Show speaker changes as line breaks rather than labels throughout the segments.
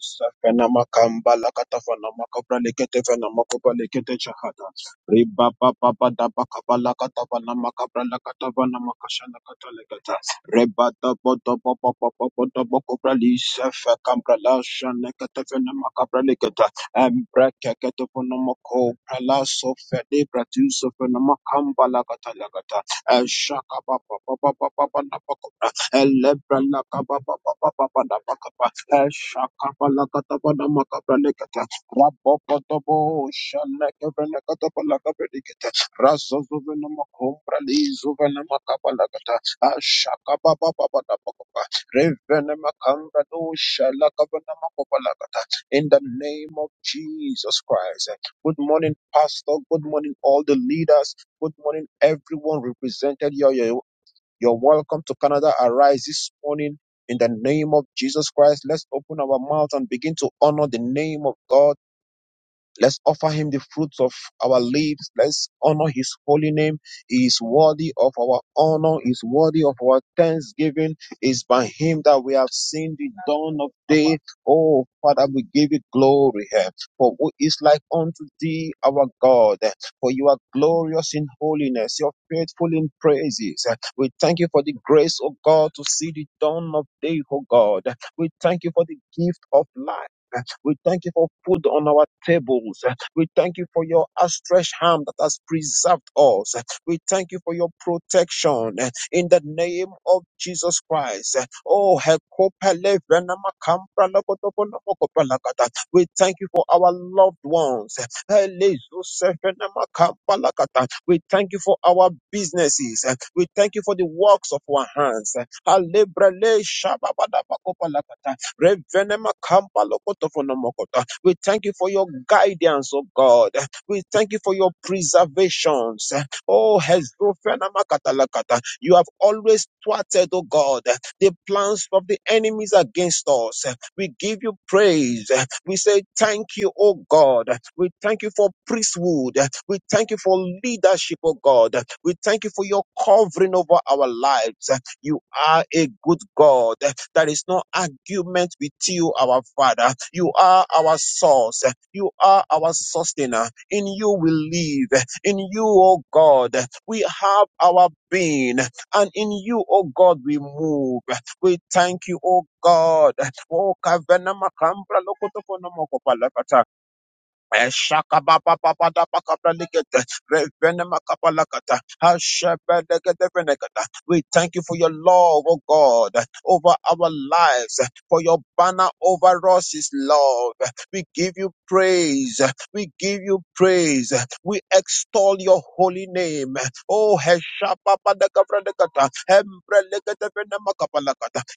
Safena makamba lakatafana makabra leketefena makoba lekete chahata. Riba papa pada pakapa lakatafana makabra lakatafana makashana kata Reba topo topo popo popo topo kobra lisefe kambra lashana ketefena makabra leketa. Embra keketefena makobra laso fede bratu sofena makamba lakata lakata. Eshaka papa papa papa papa in the name of Jesus Christ. Good morning, Pastor. Good morning, all the leaders. Good morning, everyone represented here you're welcome to Canada Arise this morning in the name of Jesus Christ. Let's open our mouth and begin to honor the name of God. Let's offer him the fruits of our lips. Let's honor his holy name. He is worthy of our honor. He is worthy of our thanksgiving. It's by him that we have seen the dawn of day. Oh, Father, we give you glory. eh, For who is like unto thee, our God? eh, For you are glorious in holiness. You're faithful in praises. eh. We thank you for the grace of God to see the dawn of day, oh God. We thank you for the gift of life. eh. We thank you for food on our tables. We thank you for your outstretched hand that has preserved us. We thank you for your protection in the name of Jesus Christ. Oh, Hekopele Venamakambra Lakotoponamokopalakata. we thank you for our loved ones. Elezosefenamakampalakata. We thank you for our businesses. We thank you for the works of our hands. Alebrele Shababadabakopalakata. Revenemakampa We thank you for your guidance, oh God. We thank you for your preservations. Oh, hezrofenamakatalakata. you have always thwarted, oh God, the plans of the enemies against us. We give you praise. We say thank you, oh God. We thank you for priesthood. We thank you for leadership, oh God. We thank you for your covering over our lives. You are a good God. There is no argument with you, our Father. You are our source. You are our sustainer. In you we live. In you, O God, we have our being. And in you, O God, we move. We thank you, O God. O Kavena Makambra Lokotokono we thank you for your love, O God, over our lives, for your banner over us is love. We give you praise. We give you praise. We extol your holy name. Oh,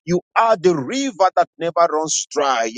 you are the river that never runs dry.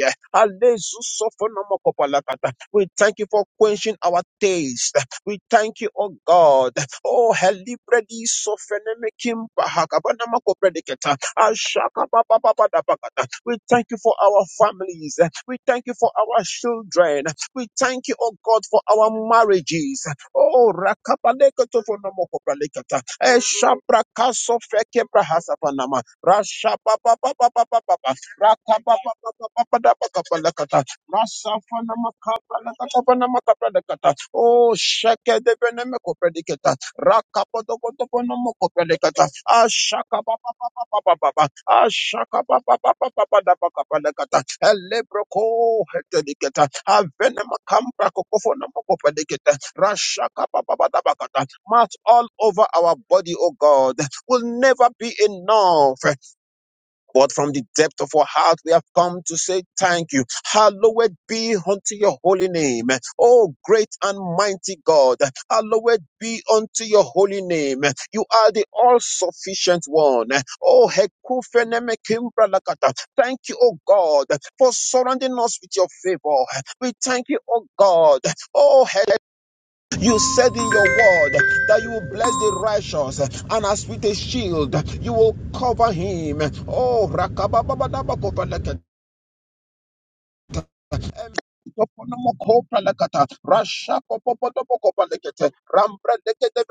We thank you for quenching our taste. We thank you, oh God. Oh, helibredi sofeneme kimba hakabana makobrediketa. Ashaka ba ba ba ba da ba ga da. We thank you for our families. We thank you for our children. We thank you, oh God, for our marriages. Oh, rakabalekato for namokobrediketa. Eshabrakaso fekebrahasapanama. Rasha ba ba ba ba ba ba ba ba. Raka ba ba ba ba ba ba da ba ga ba la ka ta. Masafana makapala katapana makapala kata. Oh, shake de beneme koprediketa. Rakapoto kotopono mokoprediketa. Ashaka pa pa pa pa pa pa pa. Ashaka pa pa pa pa pa pa da pa kapala kata. Elebroko hetediketa. Avene makampra kokofono mokoprediketa. Rashaka pa pa pa da pa kata. Marks all over our body, oh God, will never be enough. But from the depth of our heart, we have come to say thank you. Hallowed be unto your holy name. Oh, great and mighty God. Hallowed be unto your holy name. You are the all sufficient one. Oh, Hekufeneme Thank you, oh God, for surrounding us with your favor. We thank you, oh God. Oh, you said in your word that you will bless the righteous, and as with a shield, you will cover him. Oh, rakabababadabakobaleke, emtoponomokopalekata, rashapopopotopokopalekete, rambredekete,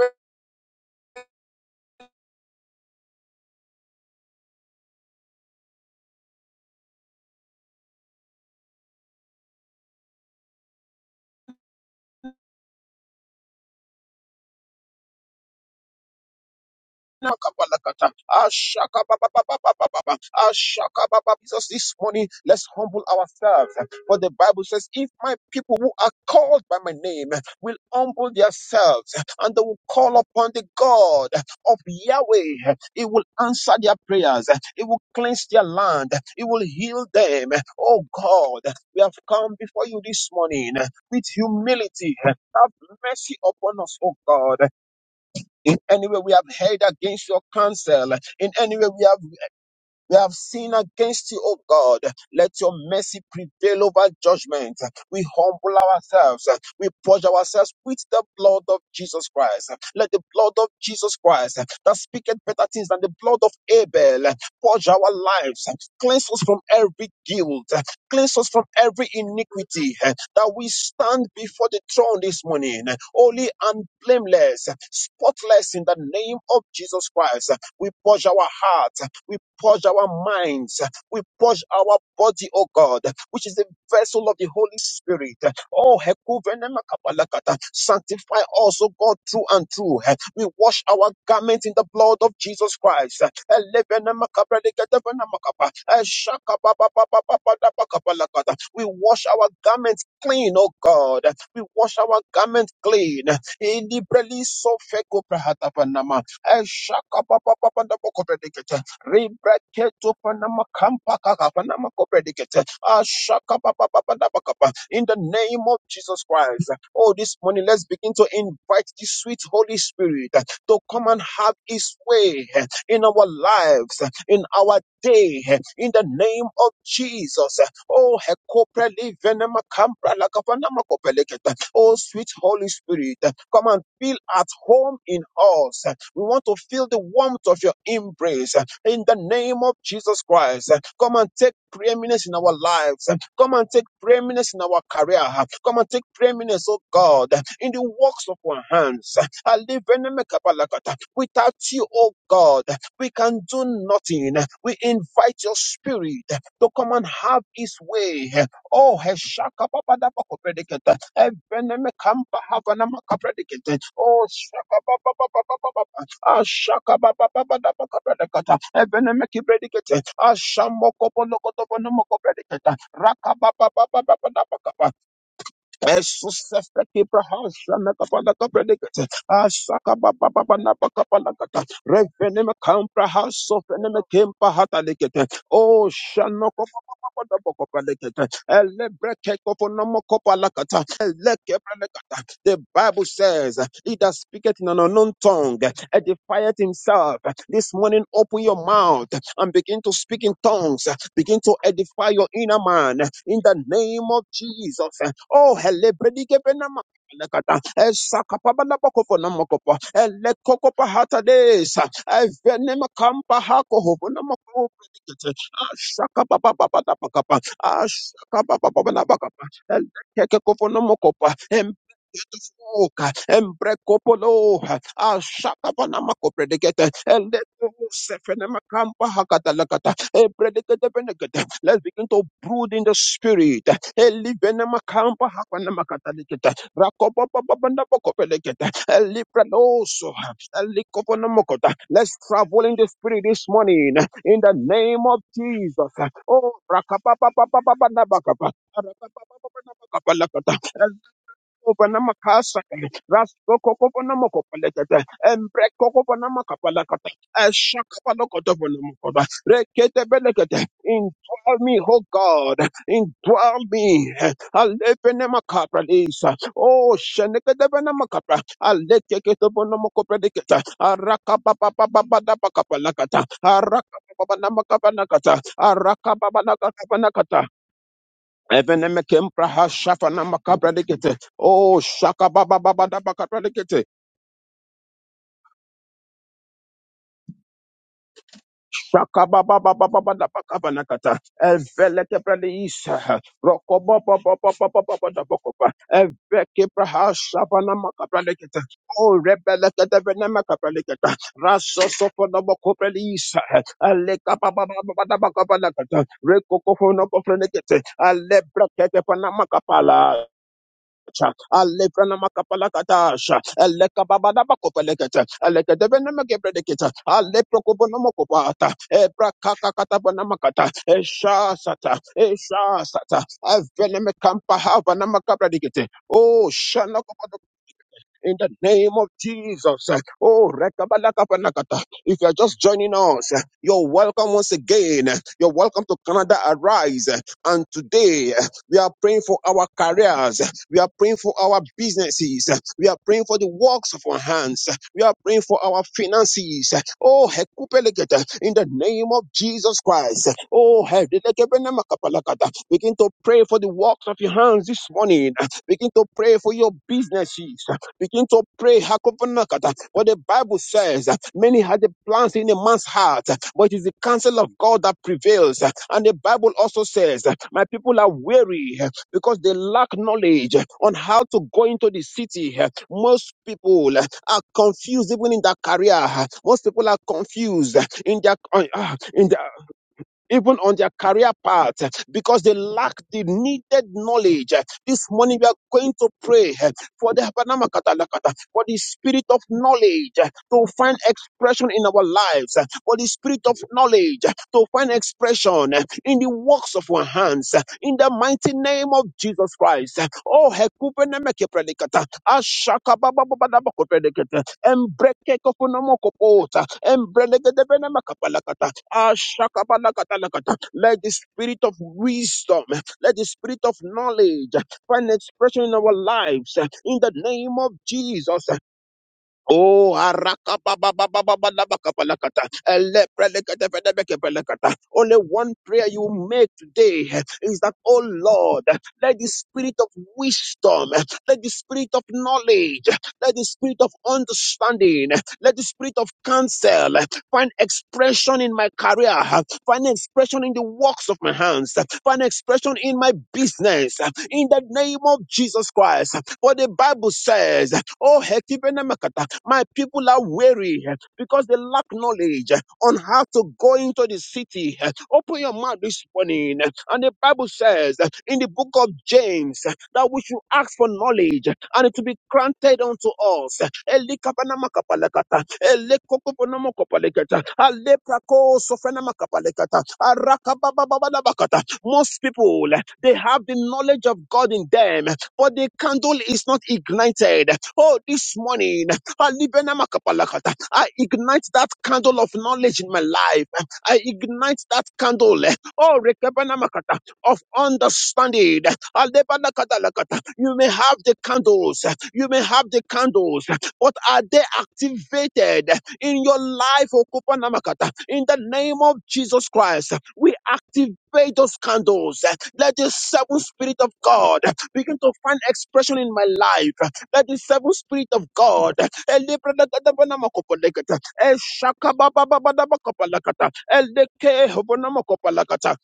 Nakapalakata. Ashaka ba ba ba ba ba ba ba ba. Ashaka ba ba. Jesus, this morning, let's humble ourselves. For the Bible says, if my people who are called by my name will humble themselves and they will call upon the God of Yahweh, He will answer their prayers. He will cleanse their land. He will heal them. Oh God, we have come before you this morning with humility. Have mercy upon us, oh God. In any way we have heard against your counsel, in any way we have we have sinned against you, O God. Let your mercy prevail over judgment. We humble ourselves. We purge ourselves with the blood of Jesus Christ. Let the blood of Jesus Christ that speaketh better things than the blood of Abel purge our lives. Cleanse us from every guilt. Cleanse us from every iniquity. That we stand before the throne this morning, holy and blameless, spotless in the name of Jesus Christ. We purge our heart. We purge our minds. We purge our body, oh God, which is the vessel of the Holy Spirit. Oh, Hekuvenema kapalakata. sanctify us, oh God, through and through. We wash our garments in the blood of Jesus Christ. Elevenema kabrelegedevenema kapa. Eshakabababababababababalakata. We wash our garments clean, oh God. We wash our garments clean. Ilibreli sofeko prahatapanama. Eshakababababababakobrelegete. Rebeketo panama kampa kaka panama kopredikete. Ashaka pa pa pa pa da pa kapa. In the name of Jesus Christ. Oh, this morning, let's begin to invite the sweet Holy Spirit to come and have his way in our lives, in our day, in the name of Jesus. Oh, hekopreli venema kampra laka panama kopelekete. Oh, sweet Holy Spirit, come and feel at home in us. We want to feel the warmth of your embrace in the name of Jesus Christ. Come and take preeminence in our lives. Come and take preeminence in our career. Come and take preeminence, oh God, in the works of our hands. Alivenemekabalakata. Without you, oh God, we can do nothing. We invite your spirit to come and have his way. Oh, Shaka papa Heshakapapadapakopredikete. Evenemekampahavanamakapredikete. Oh, Shaka papa papa papa Ashababababababakabala katta, evener meki predikete. Ashamokopolo kotobono moko prediketa. Rakababababababakabala katta. Jesus efeki praha, shanakabala kpredikete. Ashababababababakabala katta. Reverend im camp praha, sofener me kempa hatali kete. Oshanokopabababababakopala katta. Ele brekke kofunamokopala katta. Ele kprediketa. The Bible says, He does speak it in an unknown tongue edifieth himself. This morning, open your mouth and begin to speak in tongues. Begin to edify your inner man in the name of Jesus. Oh, hele predike benama. Lekata, eh, sakapaba labakofo namokopo, eh, lekokopa hatades, eh, venema kampa hakohovo namoko predikete, ah, shakababababa labakapa, ah, shakabababa labakapa, eh, lekekekofo namokopa, eh, Oka, Embrekopolo, Ashakapanamakopredigete, Eleposefenemakambahagadalakata, Ebredigete-benegete. Let's begin to brood in the spirit. Elivenemakampahakwanamakatalekete, Rakopapapapandapokopelegete, Elipreloso, Elikoponomokota. Let's travel in the spirit this morning in the name of Jesus. Oh, Rakapapapapapandabakapa, Rakapapapapandabakapalakata. Kopanama kasaka, rasko kokopanama kopalekete, embre kokopanama kapalakata, eshakapalo kotopanama koba, rekete belekete. Indwell me, oh God, indwell me. Alepenema kapralisa, oh shenekedebenema kapra, alekeketopanama kopalekete, arakapapapapapakapalakata, arakapapanamakapalakata, arakapapanamakapalakata, Evenemekempra shafa na makabra dikete. Oh, shaka ba ba da bakabra dikete. Shaka ba ba ba ba ba ba da bakaba nakata. Eveleke pradi isa. Roko ba ba ba ba da bakopa. Eveke praha shafa na makabra dikete. Oh, rebeleke devenemekabra dikete. Raso sofo na bakobra isa. Aleka ba ba ba ba ba da bakaba nakata. Reko kofo na kofra dikete. Alebra kete makapala. Cha, Alebrana makapalakatasha, Eleka babada bakopelekete, Eleke devene megebredekete, Aleprokobono mokopata, Ebrakakakatabana makata, Eshasata, Eshasata, Evene mekampa havana makabredekete. Oh, Shanako in the name of Jesus. Oh, rekabalakapanakata. if you're just joining us, you're welcome once again. You're welcome to Canada Arise. And today we are praying for our careers. We are praying for our businesses. We are praying for the works of our hands. We are praying for our finances. Oh, hekupelegete, in the name of Jesus Christ. Oh, hedelekebenemakapalakata. begin to pray for the works of your hands this morning. Begin to pray for your businesses. Begin to pray. Hakopanakata. For the Bible says, uh, many had the plans in a man's heart, but it is the counsel of God that prevails. uh, And the Bible also says, uh, my people are weary uh, because they lack knowledge on how to go into the city. uh, Most people uh, are confused even in their career. uh, Most people are confused uh, in their, uh, uh, in their even on their career path eh, because they lack the needed knowledge. eh. This morning we are going to pray eh, for the habanamakata for the spirit of knowledge eh, to find expression in our lives, eh, for the spirit of knowledge eh, to find expression eh, in the works of our hands, eh, in the mighty name of Jesus Christ. eh. Oh, Hekupenemekeprelekata, Ashakabababababakopelekete, Embrekekofunomokopota, embrelegedebelemakapalakata, ashakabalakatalakata. Let the spirit of wisdom, let the spirit of knowledge find expression in our lives in the name of Jesus. Oh, araka ba ba ba ba ba ba la ba ka ba la ka ta. Ele pre le ke te pe de be ke pe le ka ta. Only one prayer you make today is that, oh Lord, let the spirit of wisdom, let the spirit of knowledge, let the spirit of understanding, let the spirit of counsel find expression in my career, find expression in the works of my hands, find expression in my business, in the name of Jesus Christ. For the Bible says, Oh, Hekibenemekata, my people are weary because they lack knowledge on how to go into the city. Open your mouth this morning. And the Bible says in the book of James that we should ask for knowledge and it will be granted unto us. Elikabanamakabalakata, elekokoponomokopalekata, aleprakosofenamakapalekata, arakabababababakata. Most people they have the knowledge of God in them, but the candle is not ignited. Oh, this morning, Alibenamakapalakata, I ignite that candle of knowledge in my life. I ignite that candle. Oh, Rekebenamakata, of understanding. Alebanakatalakata. You may have the candles, you may have the candles, but are they activated? in your life, O Kupanamakata. In the name of Jesus Christ, we activate those candles. Let the seven spirit of God begin to find expression in my life. Let the seven spirit of God. Elebradadadabanamakopanekata, Eshakababababadabakopalakata, Elekehobonamakopalakata,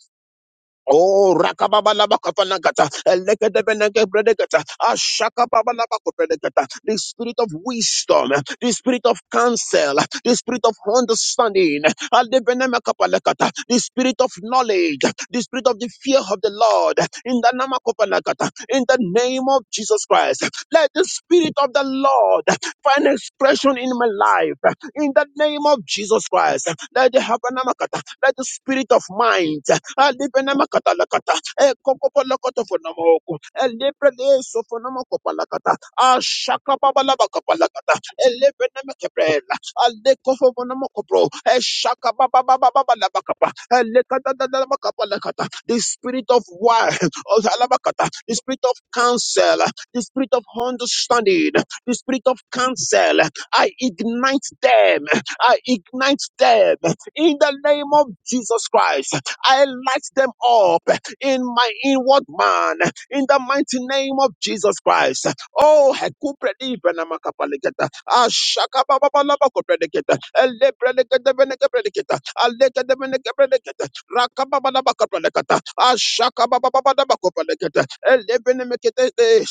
Oh, rakababalabakapanakata, elekedebenegebredekata, ashakababalabakopredekata. the spirit of wisdom, the spirit of counsel, the spirit of understanding, alebenemekapalekata, the spirit of knowledge, the spirit of the fear of the Lord, in the namakopanakata, in the name of Jesus Christ. Let the spirit of the Lord find expression in my life, in the name of Jesus Christ. Let the habanakata, let the spirit of mind, alibenamakadalakata ekokopolokotofonomoko elebrelesofonomokopalakata ashakababalabakapalakata elebenemekebrela alekofofonomokopro eshakabababababalabakapa elekadadadamakapalakata the spirit of wine alabakata the spirit of counsel the spirit of understanding the spirit of counsel I ignite them I ignite them in the name of Jesus Christ I light them up in my inward man in the mighty name of Jesus Christ. Oh, hekupredi benamakapaliketa. Ashaka baba baba koprediketa. Elebreliketa benekeprediketa. Rakabababakapalekata. Ashakababababakapalekata. Elebenemeketete.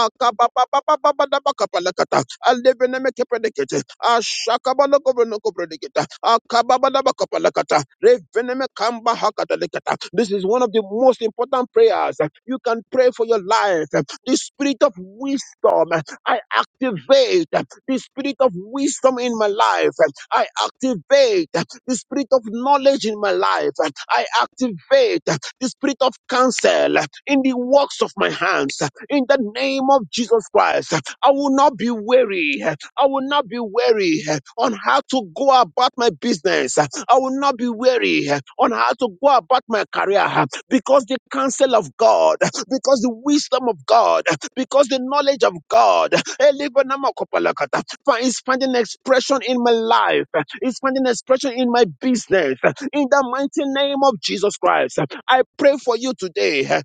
Akabababababakapalekata. Elebenemekepelekete. Ashakabalokobronokobroneketa. Akababababakapalekata. Revenemekambahakatalekata. This is one of the most important prayers. You can pray for your life. The spirit of wisdom, I activate the spirit of wisdom in my life. I activate the spirit of knowledge in my life. I activate the spirit of counsel in the works of my hands. In the name of Jesus Christ, I will not be weary. I will not be weary on how to go about my business. I will not be weary on how to go about my career because the counsel of God, because the wisdom of God, because the knowledge of God, Elebanamokopalakata, for it's finding expression in my life, it's finding expression in my business. In the mighty name of Jesus Christ, I pray for you today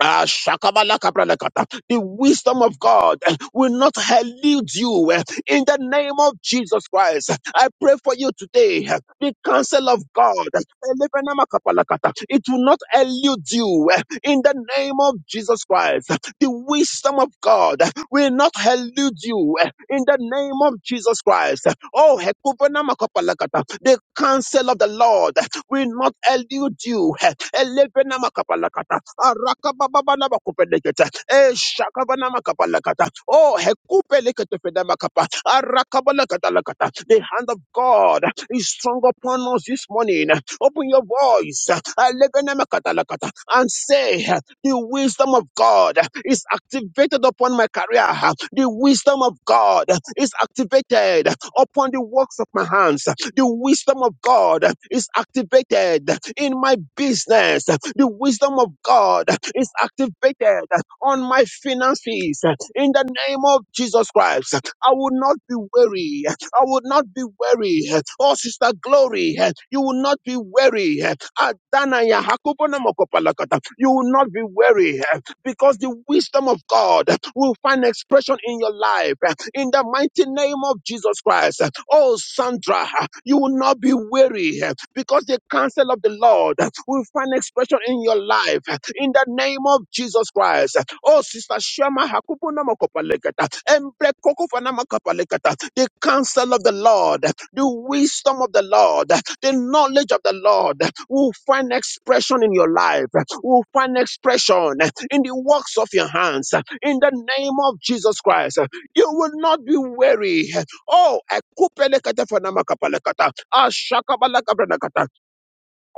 Ah, shakabala kabralakata. The wisdom of God eh, will not elude you eh, in the name of Jesus Christ. I pray for you today. eh, The counsel of God, eh, elevenama kapalakata, it will not elude you eh, in the name of Jesus Christ. The wisdom of God eh, will not elude you eh, in the name of Jesus Christ. Oh, hekubanama kapalakata, the counsel of the Lord will not elude you. Elebenamakapalakata, arakabababanamakupelekete, eshakabanamakabalakata, Oh, hekupeleketefedamakapa, arakabalakatalakata. the hand of God is strong upon us this morning. Open your voice elebenemakatalakata, and say, the wisdom of God is activated upon my career. The wisdom of God is activated upon the works of my hands. The wisdom of God is activated in my business. The wisdom of God is activated on my finances. In the name of Jesus Christ, I will not be weary. I will not be weary. Oh, Sister Glory, you will not be weary. Adana ya hakubona mokopalakata. You will not be weary because the wisdom of God will find expression in your life in the mighty name of Jesus Christ. Oh, Sandra, you will not be weary because the counsel of the Lord will find expression in your life in the name of Jesus Christ. Oh, Sister Shema, Hakubu Namakopalekata, Embre Kokofa Namakopalekata, the counsel of the Lord the wisdom of the Lord, the knowledge of the Lord will find expression in your life, will find expression in the works of your hands. In the name of Jesus Christ, you will not be weary. Oh, ekupelekete fanamakapalekata, ashakabalakabranakata.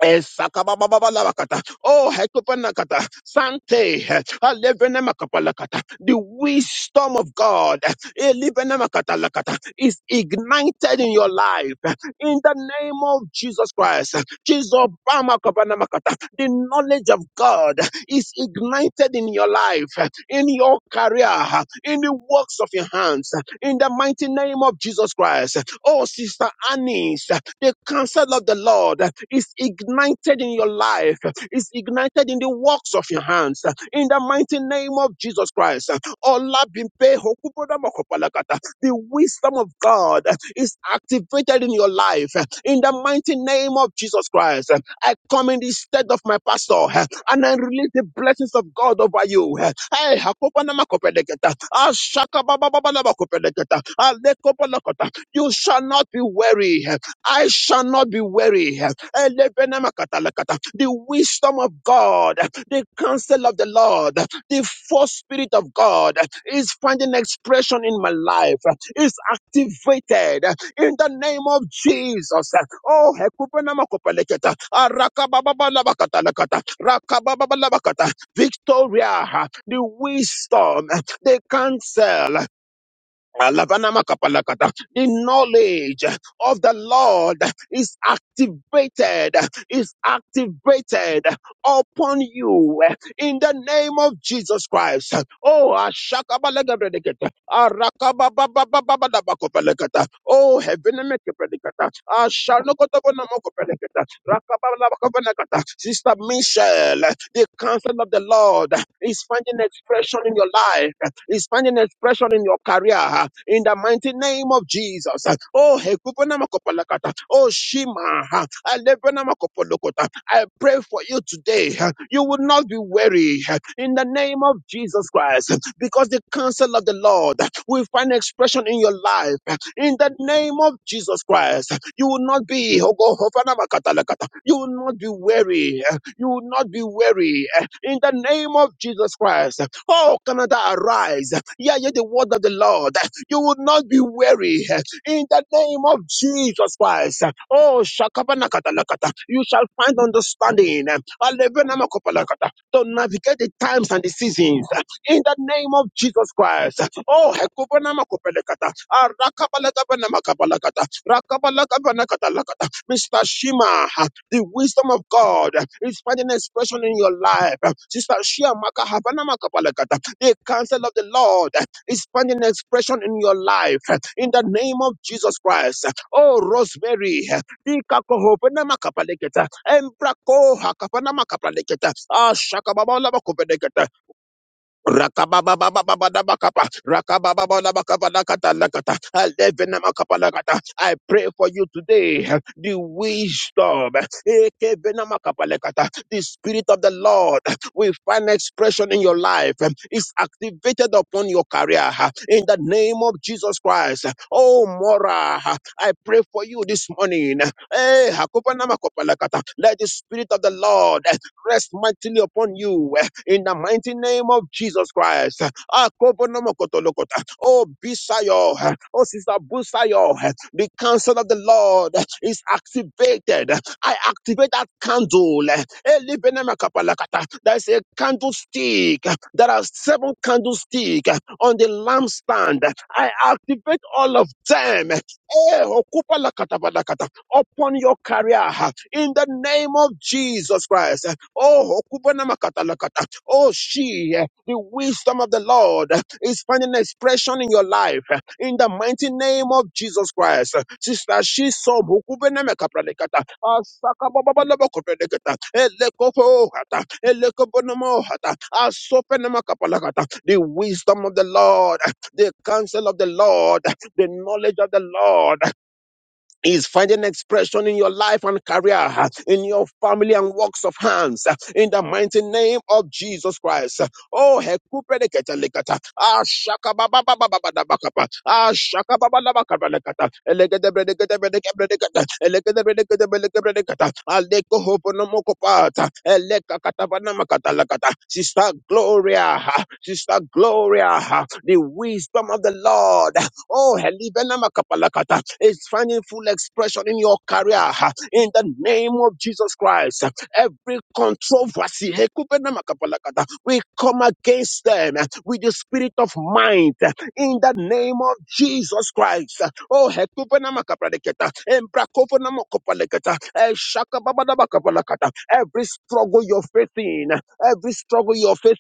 Esakabababalakata. Oh, hekupanakata. Sante. Alevenemakapalakata. The wisdom of God elevenemakatalakata, is ignited in your life in the name of Jesus Christ. Jesus, Bamakabanemakata. The knowledge of God is ignited in your life, in your career, in the works of your hands, in the mighty name of Jesus Christ. Oh, Sister Annie's, the counsel of the Lord is ignited in your life, is ignited in the works of your hands, in the mighty name of Jesus Christ. Olabimpe Okupodamokopalakata, The wisdom of God is activated in your life, in the mighty name of Jesus Christ. I come in the stead of my pastor eh, and I release the blessings of God over you. eh. Hey, Hakopanamakopelegeta, Ashakababababalabakopelegeta, Alekopolokota. You shall not be weary. eh. I shall not be weary. eh. Elebenamakatalakata. The wisdom of God, eh, the counsel of the Lord, eh, the force spirit of God eh, is finding expression in my life, eh, is activated. eh, in the name of Jesus. Oh, hekupenamakopeleketa, arakababalabalakatalakata, rakabababalabakata, Victoria, the wisdom, the counsel. Alabanamakabalakata. The knowledge of the Lord is activated, is activated upon you in the name of Jesus Christ. Oh, ashakabalagabreleketa, arakabababababababakopeleketa. oh, heavenamekepeleketa, ashanokotobonamokopereketa, rakabalabakopeleketa. Sister Michelle, the counsel of the Lord it's finding expression in your life. It's finding expression in your career. In the mighty name of Jesus. Oh, Hekupana Makopalakata. Oh, Shima. Alebana Makopolokota. I pray for you today. You will not be weary. In the name of Jesus Christ. Because the counsel of the Lord will find expression in your life. In the name of Jesus Christ. You will not be, oh, go, Hofana Makatalakata. you will not be weary. You will not be weary in the name of Jesus Christ. Oh, Canada, arise. Yeah, yeah, the word of the Lord. You will not be weary in the name of Jesus Christ. Oh, shakabanakatalakata. you shall find understanding Alebenamakopalakata. to navigate the times and the seasons in the name of Jesus Christ. Oh, hekubanamakopalikata. Ah, rakabalakabanamakabalakata. Rakabalakabanakatalakata. Mr. Shima, the wisdom of God is finding expression in your life. Sister Shia Maka Havana Maka Palakata. The counsel of the Lord is finding expression in your life. In the name of Jesus Christ. Oh, Rosemary. Dika Kohovena Maka Palakata. Embrako Hakavana Maka Palakata. Ah, Shaka Baba Lava Rakabababababababakapa, rakababababababakatalakata, alevenamakapalakata. I pray for you today, the wisdom, ekevenamakapalakata, the Spirit of the Lord will find expression in your life, is activated upon your career in the name of Jesus Christ. Oh, Mora, I pray for you this morning. Eh, hakupanamakapalakata. Let the Spirit of the Lord rest mightily upon you in the mighty name of Jesus Christ. Ah, kobonomokotolokota. Oh, Bisayo, oh, Sister Busayo, the counsel of the Lord is activated. I activate that candle. Eh, libenemakapalakata. There's a candlestick. There are seven candlesticks on the lampstand. I activate all of them. Eh, okupalakatabadakata. Upon your career in the name of Jesus Christ. Oh, okubanamakata-lakata. oh, she, eh, the wisdom of the Lord eh, is finding expression in your life eh, in the mighty name of Jesus Christ. Sister, she saw Bukubenemekapralekata, Asakababalabakopelekata, Elekopohata, Elekobonomohata, Asopenemakapalakata. the wisdom of the Lord, eh, the counsel of the Lord, eh, the knowledge of the Lord is finding expression in your life and career, in your family and works of hands, in the mighty name of Jesus Christ. Oh, hekupedeketelekata. Ah, shaka shakabababababababakapa. Ah, shaka shakabababababababakata. Elekedebredeketebredekebredekata. Elekedebredeketebredekebredekata. makata Elekakatabanamakatalakata. Sister Gloria, Sister Gloria, the wisdom of the Lord Oh, Helibenama Kapalakata is finding full expression in your career ah, in the name of Jesus Christ. Every controversy, Hekubenama Kapalakata, we come against them eh, with the spirit of mind eh, in the name of Jesus Christ. Oh, Hekubenama Kapalakata, Embrakovenama Kapalakata, Eshakababadaba Kapalakata, every struggle you're facing, every struggle you're facing,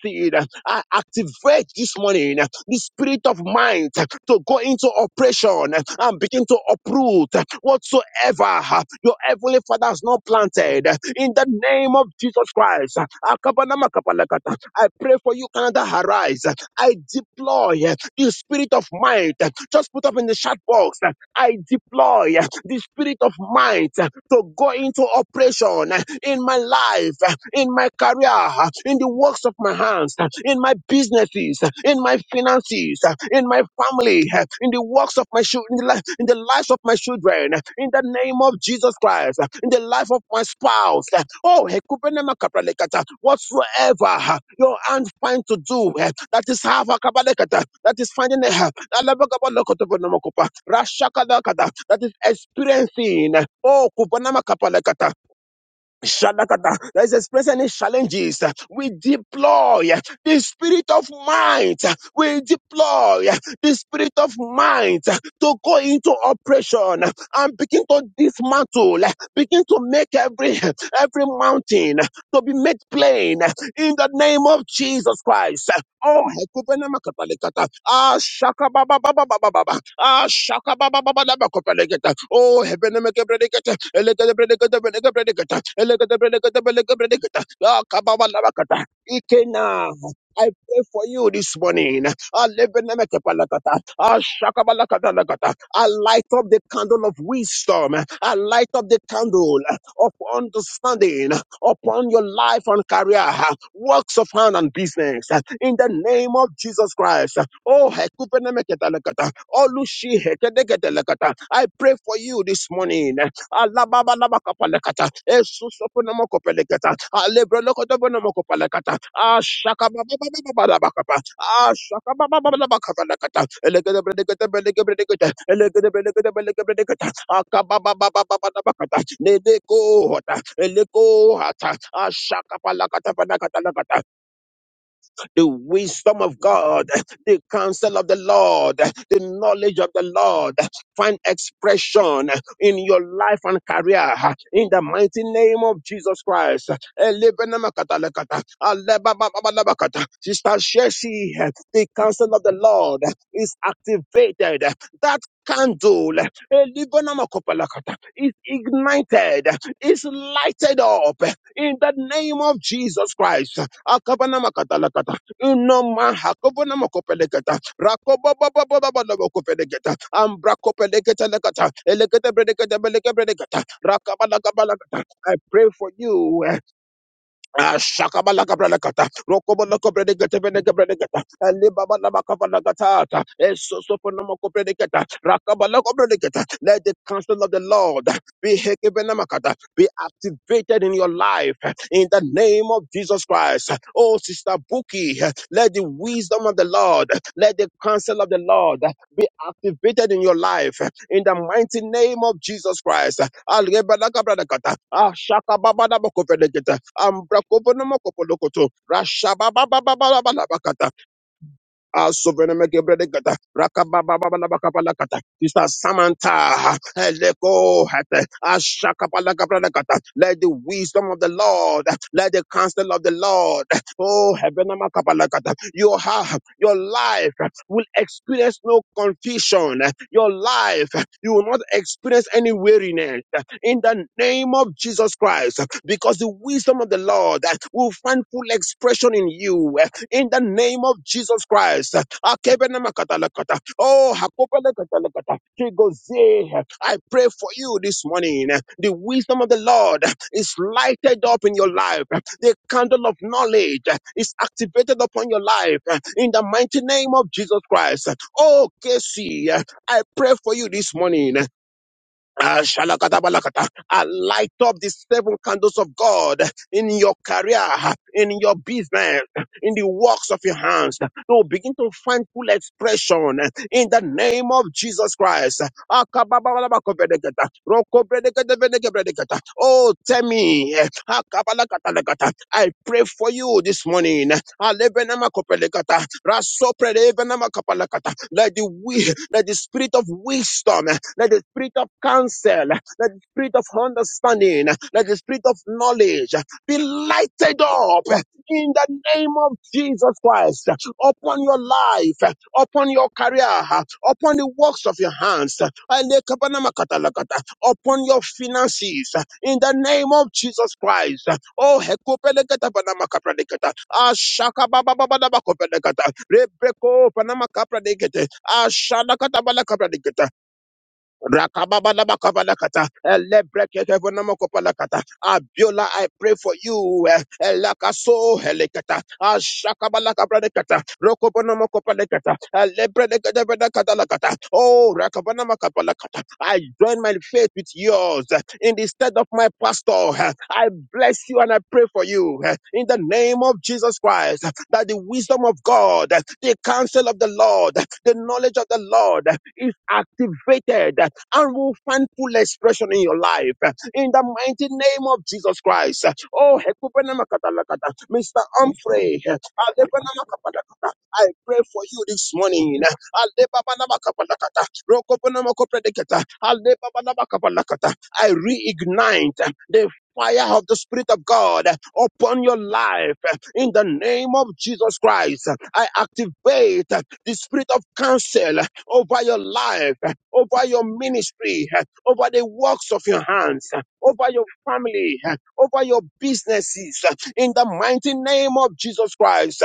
I activate this morning the spirit of mind to go into operation and begin to uproot whatsoever your heavenly father has not planted in the name of Jesus Christ. Akabanamakapalakata. I pray for you, Canada Arise. I deploy the spirit of mind. Just put up in the chat box I deploy uh, the spirit of might uh, to go into operation uh, in my life, uh, in my career, uh, in the works of my hands, uh, in my businesses, uh, in my finances, uh, in my family, uh, in the works of my children, in the li- in the lives of my children, uh, in the name name of Jesus Christ, uh, in the life of my spouse. uh, Oh, hekupenema kapralekata, whatsoever uh, your hand find to do, uh, that is half a kabalekata, that is finding a help, that is experiencing. uh, Oh, kupanama kapalekata, Shadakata, that is expressing any challenges. We deploy the spirit of might. We deploy the spirit of might to go into operation and begin to dismantle, begin to make every every mountain to be made plain in the name of Jesus Christ. Oh, hekubenemakatalekata. Ah, shaka ba ba ba ba ba ba ba. Ah, shaka ba ba ba ba shakababababababakopeleketa. Oh, hebenemekebredeketa. Ikena. I pray for you this morning. Alebenemekepalakata, ashakabalakatalakata. I light up the candle of wisdom. I light up the candle of understanding upon your life and career, Ah, works of hand and business. Ah, In the name of Jesus Christ. Oh, hekupenemeketalakata, olushihekedeketelakata. I pray for you this morning alababa na makapalekata esuso pona makopelekata alebro lokoto pona makopelekata ashaka alababalabakapalekata esusoponomokopelekata alebrolokotobonomokopalekata ashakababababababakapa ashakabababababakapalekata elekedebredekedebelekedebredekete elekedebelekedebelekedebredekete akababababababakata nedekohota elekohata ashakapalakatapanakatalakata the wisdom of God, the counsel of the Lord, the knowledge of the Lord find expression in your life and career in the mighty name of Jesus Christ. Elebenemakata-lekata, alebababalabakata. Sister Shesi, the counsel of the Lord is activated. That candle elebenemakopalakata, is ignited, is lighted up in the name of Jesus Christ. Akabanamakata-lekata. Ino maha kobo na mokopelegeta. Rakobo baba baba baba mokopelegeta. Ambra kopelegeta legeta. Elegeta bredegeta belega bredegeta. Rakabala kabala geta. I pray for you. Ah, shakabalakabralakata, rokobolakobredegetebelegebredegeta, alibabalabakabalakatata, esosoponomokobredegeta, rakabalakobredegeta. Let the counsel of the Lord be hekebenamakata, be activated in your life in the name of Jesus Christ. Oh, Sister Buki, let the wisdom of the Lord, let the counsel of the Lord be activated in your life in the mighty name of Jesus Christ algebala kabala kata ashaka baba na boko veleketa ambra kovono moko Algebelakabradakata, Ashakababadabokovedekete, Ambrakovonomokopodokoto, Rashababababalabakata, Asuvenemekebredekata, rakabababababakapalakata, Sister Samantha, elekohete, ashakapalakabradekata. let the wisdom of the Lord, let the counsel of the Lord, oh heaven, your heart, your life will experience no confusion. Your life, you will not experience any weariness in the name of Jesus Christ, because the wisdom of the Lord will find full expression in you in the name of Jesus Christ. Akebenamakatalakata. Oh, hakopelekatalakata. Chigozie. I pray for you this morning. The wisdom of the Lord is lighted up in your life. The candle of knowledge is activated upon your life in the mighty name of Jesus Christ. Oh, Casey, I pray for you this morning Ah, shalakadabalakata. I light up the seven candles of God in your career, in your business, in the works of your hands. To begin to find full expression in the name of Jesus Christ. Akabababalabakobelegeta, rokobredekedebedekebelegeta. Oh, tell me. akabalakatalakata. I pray for you this morning. Alebenema kopelekata. Rasoprelevenema kopelekata. Let the wi- let the spirit of wisdom, let the spirit of counsel, let the spirit of understanding, let the spirit of knowledge be lighted up in the name of Jesus Christ upon your life, upon your career, upon the works of your hands, Alekabanama katalakata, upon your finances, in the name of Jesus Christ. Oh, hekopeleketa panama kapradeketa. Ashaka baba baba daba kopeleketa. Rebeko panama kapradekete. Ashana kata bala Rakababalabakabalakata, elebrekekevonamokopalakata. Abiola, I pray for you. eh, elakaso, elekata, ashakabalakabradekata, rokobonomokopalekata, elebredekedevedekatalakata. Oh, rakabonomakapalakata. I join my faith with yours eh, in the stead of my pastor. eh, I bless you and I pray for you eh, in the name of Jesus Christ eh, that the wisdom of God, eh, the counsel of the Lord, eh, the knowledge of the Lord eh, is activated and will find full expression in your life. In the mighty name of Jesus Christ. Oh, Hekupenamakata-lakata. Mr. Humphrey, Alepenamakapalakata. I pray for you this morning. Alepapanamakabalakata. Rokopenamakopredekata. Alepapanamakabalakata. I reignite the fire of the Spirit of God upon your life in the name of Jesus Christ. I activate the spirit of counsel over your life, over your ministry, over the works of your hands, over your family, over your businesses, in the mighty name of Jesus Christ.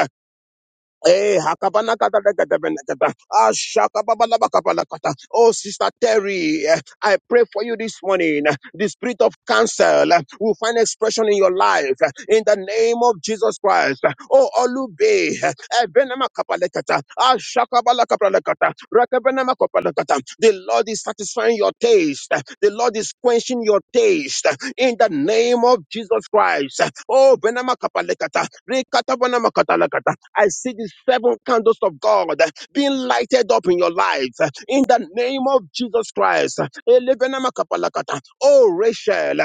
Eh, hakabana kata da kata bena kata. Ashakababala bakabala kata. Oh, Sister Terry, eh, I pray for you this morning. The spirit of cancel eh, will find expression in your life eh, in the name of Jesus Christ. Oh, Olube, eh, Ebenema kapale kata. Ashakabala kapale kata. Rakabenema kapale kata. the Lord is satisfying your taste. eh, The Lord is quenching your taste. eh, in the name of Jesus Christ. Oh, Benama Kapalekata, Rekata Banama Katalakata. I see the seven candles of God being lighted up in your life in the name of Jesus Christ. Elebenama Kapalakata. Oh, Rachel,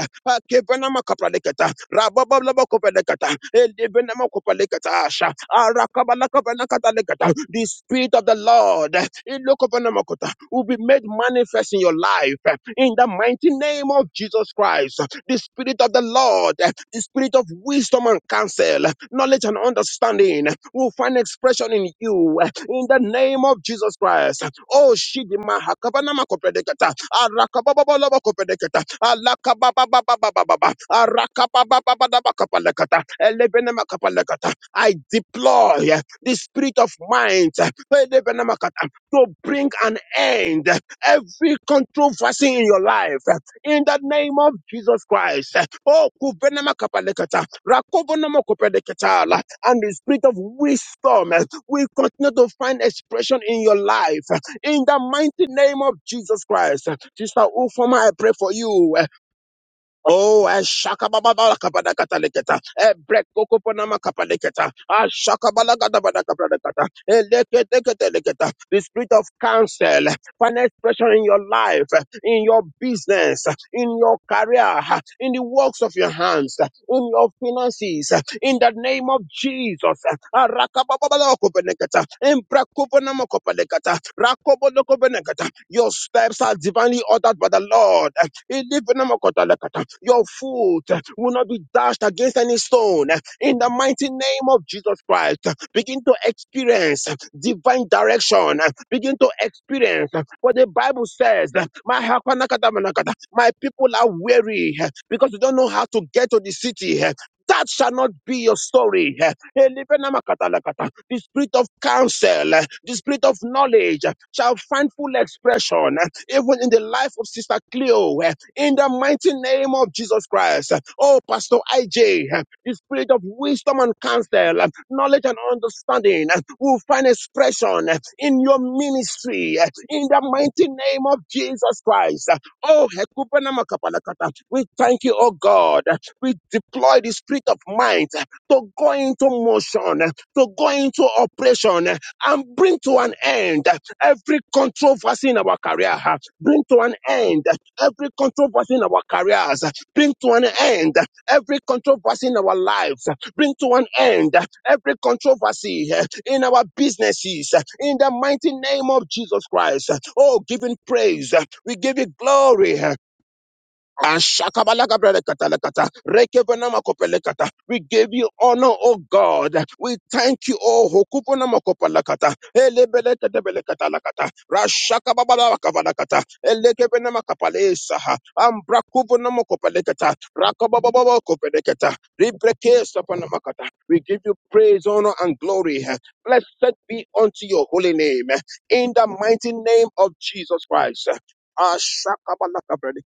Kebenama Kapalekata, Rababalaba Kopalekata, Elebenama Kopalekata, Asha, Arakabalakabanakatalekata. The Spirit of the Lord Ilokobenamakota, will be made manifest in your life in the mighty name of Jesus Christ the Spirit of the Lord, the Spirit of wisdom and counsel, knowledge and understanding will find expression in you in the name of Jesus Christ. Oh, Shidima Hakabanama Kopedekata, Arakabababa Kopedekata, Alakababababababa, Arakabababababa Kapalekata, Elebenema Kapalekata. I deploy the Spirit of mind Elebenema Kata, to bring an end every controversy in your life in the name of Jesus Christ. Oh, kuvenema kapalekata, rakovenema kopelekata, and the spirit of wisdom eh, will continue to find expression in your life in the mighty name of Jesus Christ. Sister Ufoma, I pray for you. Oh, ashaka baba baba kapada kataleketa. E break koko ponama kapadeketa. Ashaka bala gada bada ashakababalakabalakataleketa. leke leke Eleketeketeleketa. The spirit of counsel, find expression in your life, in your business, in your career, in the works of your hands, in your finances, in the name of Jesus. araka baba bala kapadeketa. E break Arakababalakopeleketa. Embrakoponamakopeleketa. Rakobodokopeneketa. Your steps are divinely ordered by the Lord. Your foot will not be dashed against any stone. In the mighty name of Jesus Christ, begin to experience divine direction. Begin to experience what the Bible says. My hakanakatamanakata, my people are weary because they don't know how to get to the city. That shall not be your story. Elebenamokotalekata. The spirit of counsel, the spirit of knowledge shall find full expression even in the life of Sister Cleo in the mighty name of Jesus Christ. Oh, Pastor IJ, the spirit of wisdom and counsel, knowledge and understanding will find expression in your ministry in the mighty name of Jesus Christ. Oh, Hekupenamakapalakata, we thank you, oh God. We deploy the spirit of might to go into motion, to go into operation and bring to an end every controversy in our career. Bring to an end every controversy in our careers. Bring to an end every controversy in our lives. Bring to an end every controversy in our businesses. In the mighty name of Jesus Christ. Oh, giving praise. We give you glory. Ashakabalagabrelekatalekata, rekebenamakopelekata. We give you honor, O God. We thank you, O Hokuponamakopalakata, elebelekatebelekatalakata, Rashakababalakabalakata, elekebenamakapaleisaha, Ambrakubonamakopelekata, Rakabababakopelekata, Ribrekesapanamakata. We give you praise, honor, and glory. Blessed be unto your holy name. In the mighty name of Jesus Christ. Ashakabalakabrelekata.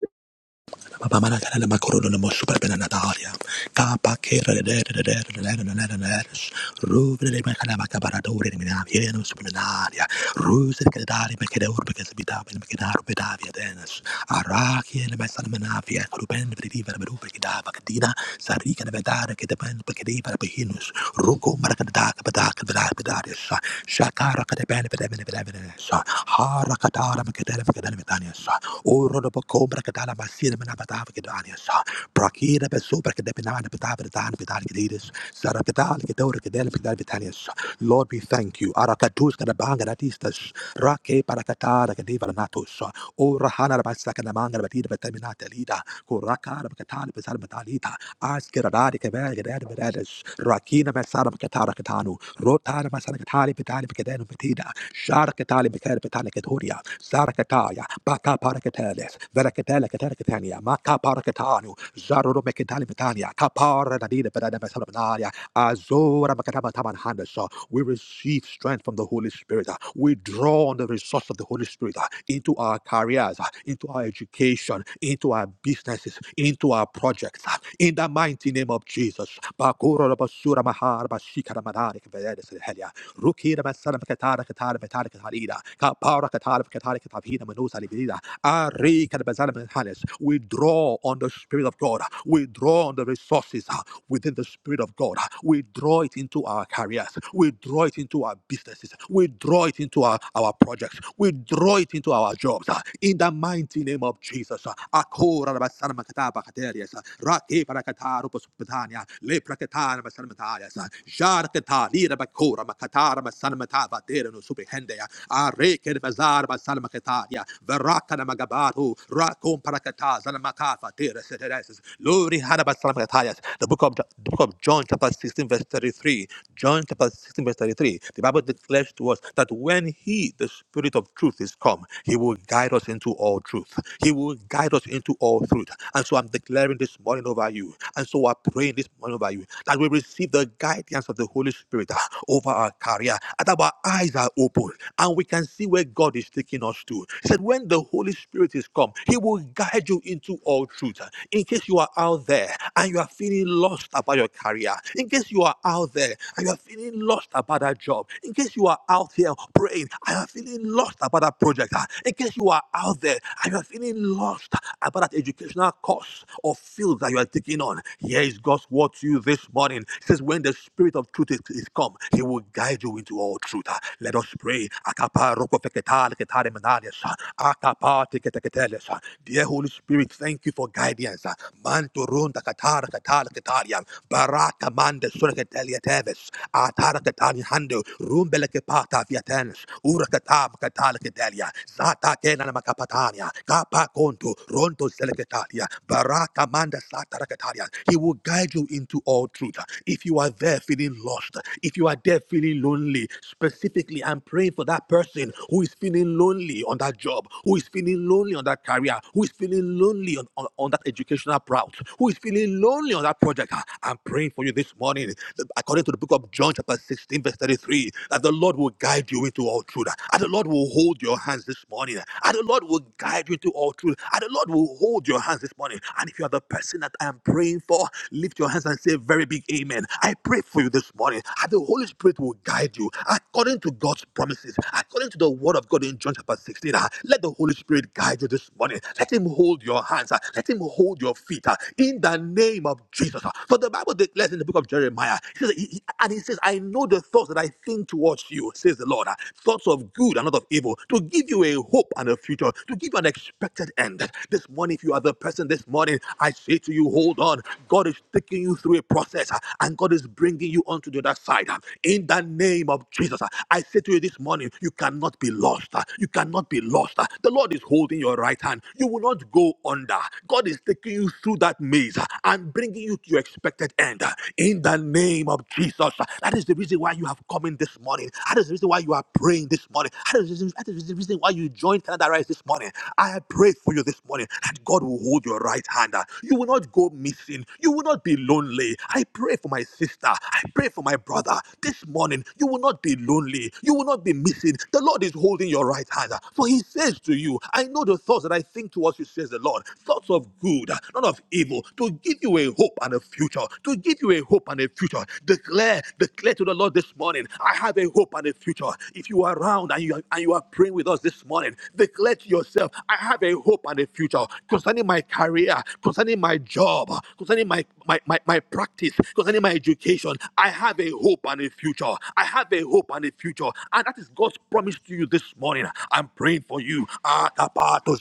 Shakara O Rodoboko, Bracadala, Masin, Manapatava, Gedanius, Brakira, Besubra, Kedepinana, Patavatan, Pitalikitis, Sarakadal, Gedor, Gedel, Pitalitanius. Lord, we thank you. Arakatus, Kanabangatistas, Rake, Parakatara, Kadivaranatus, O Rahana, Basakanamanga, Batida, Bataminata, Lida, Kuraka, Katana, Pesarmatalita, Askiradari, Kavag, Edadis, Rakina, Masara, Katara, Katanu, Rotana, Masara, Katari, Pitali, Pitana, Pitida, Shark, Katali, Pitali, Pitali, Sarakataya, Baka Parakateles, Verakatela Katarakatania, Maka Parakatanu, Zaruro Mekitali Vitania, Kapara Nadina Vedanabasanaria, Azora Makatama Taman Handasa. We receive strength from the Holy Spirit. We draw on the resource of the Holy Spirit into our careers, into our education, into our businesses, into our projects. In the mighty name of Jesus. Bakura Basura Mahar Bashikara helia. Rukira basana katara katara katara katarida. Kapara katara katara katapina manusa libida. Ari kadabazana manhanes. We draw on the Spirit of God. We draw on the resources uh, within the Spirit of God. We draw it into our careers. We draw it into our businesses. We draw it into our, our projects. We draw it into our jobs. ah in the mighty name of Jesus. Akora rabasana makata bakaterias, rake parakata rupospatania, le prakatana masanamatarias, jarkata lira bakora makatara masanamata batera no superhendia, areke bazar basana makataria, verakana magabatu, rakom parakata zanamakafa tera setereses, lori harabasana makatarias. The book of the book of John chapter 16 verse 33 John chapter 16, verse 33, the Bible declares to us that when He, the Spirit of truth, is come, come. He will guide us into all truth. He will guide us into all truth. And so I'm declaring this morning over you. And so I'm praying this morning over you that we receive the guidance of the Holy Spirit ah, over our career, and that our eyes are open and we can see where God is taking us to. He said, When the Holy Spirit is come, He will guide you into all truth. In case you are out there and you are feeling lost about your career, in case you are out there and you are feeling lost about that job, in case you are out here praying, I am feeling lost about that project, ah, in case you are out there and you are feeling lost about that educational course or field that you are taking on, here is God's word to you this morning. It says, When the Spirit of truth is, is come, He will guide you into all truth. Ah, Let us pray. Akapa roko feketa leketare menales, ah. Akapa teketeketeles, ah. Dear Holy Spirit, thank you for guidance. ah. Manto runda katara katara ketaria, baraka mande sura ketelia teves, atara ketani hando, rumbele kepata Kaviatens, Urakatab Katalkedalia, Sata Kenana Makapatania, Kapa Konto, Ronto Selekatalia, Baraka Manda Satarakatalia. He will guide you into all truth. If you are there feeling lost, if you are there feeling lonely, specifically, I'm praying for that person who is feeling lonely on that job, who is feeling lonely on that career, who is feeling lonely on, on, on that educational route, who is feeling lonely on that project. I'm praying for you this morning, according to the book of John, chapter 16, verse 33 free, that the Lord will guide you into all truth, and the Lord will hold your hands this morning, and the Lord will guide you into all truth, and the Lord will hold your hands this morning. And if you are the person that I am praying for, lift your hands and say very big amen. I pray for you this morning, and the Holy Spirit will guide you according to God's promises, according to the word of God in John chapter 16. ah, Let the Holy Spirit guide you this morning. Let Him hold your hands, ah, let Him hold your feet ah, in the name of Jesus. ah. For the Bible declares in the book of Jeremiah, he says, he- and He says, says, I know the thoughts that I think towards you, says the Lord. Thoughts of good and not of evil, to give you a hope and a future, to give you an expected end. This morning, if you are the person this morning, I say to you, hold on. God is taking you through a process uh, and God is bringing you onto the other side. uh, In the name of Jesus, uh, I say to you this morning, you cannot be lost. uh, You cannot be lost. uh, The Lord is holding your right hand. You will not go under. God is taking you through that maze uh, and bringing you to your expected end. uh, In the name name of Jesus. That is the reason why you have come in this morning. That is the reason why you are praying this morning. That is the reason, that is the reason why you joined Canada Rise this morning. I pray for you this morning that God will hold your right hand. You will not go missing. You will not be lonely. I pray for my sister. I pray for my brother. This morning, you will not be lonely. You will not be missing. The Lord is holding your right hand. For he says to you, I know the thoughts that I think towards you, says the Lord. Thoughts of good, not of evil, to give you a hope and a future, to give give you a hope and a future. Declare, declare to the Lord this morning, I have a hope and a future. If you are around and you are, and you are praying with us this morning, declare to yourself, I have a hope and a future concerning my career, concerning my job, concerning my, my, my, my practice, concerning my education. I have a hope and a future. I have a hope and a future. And that is God's promise to you this morning. I'm praying for you. Ah, tapato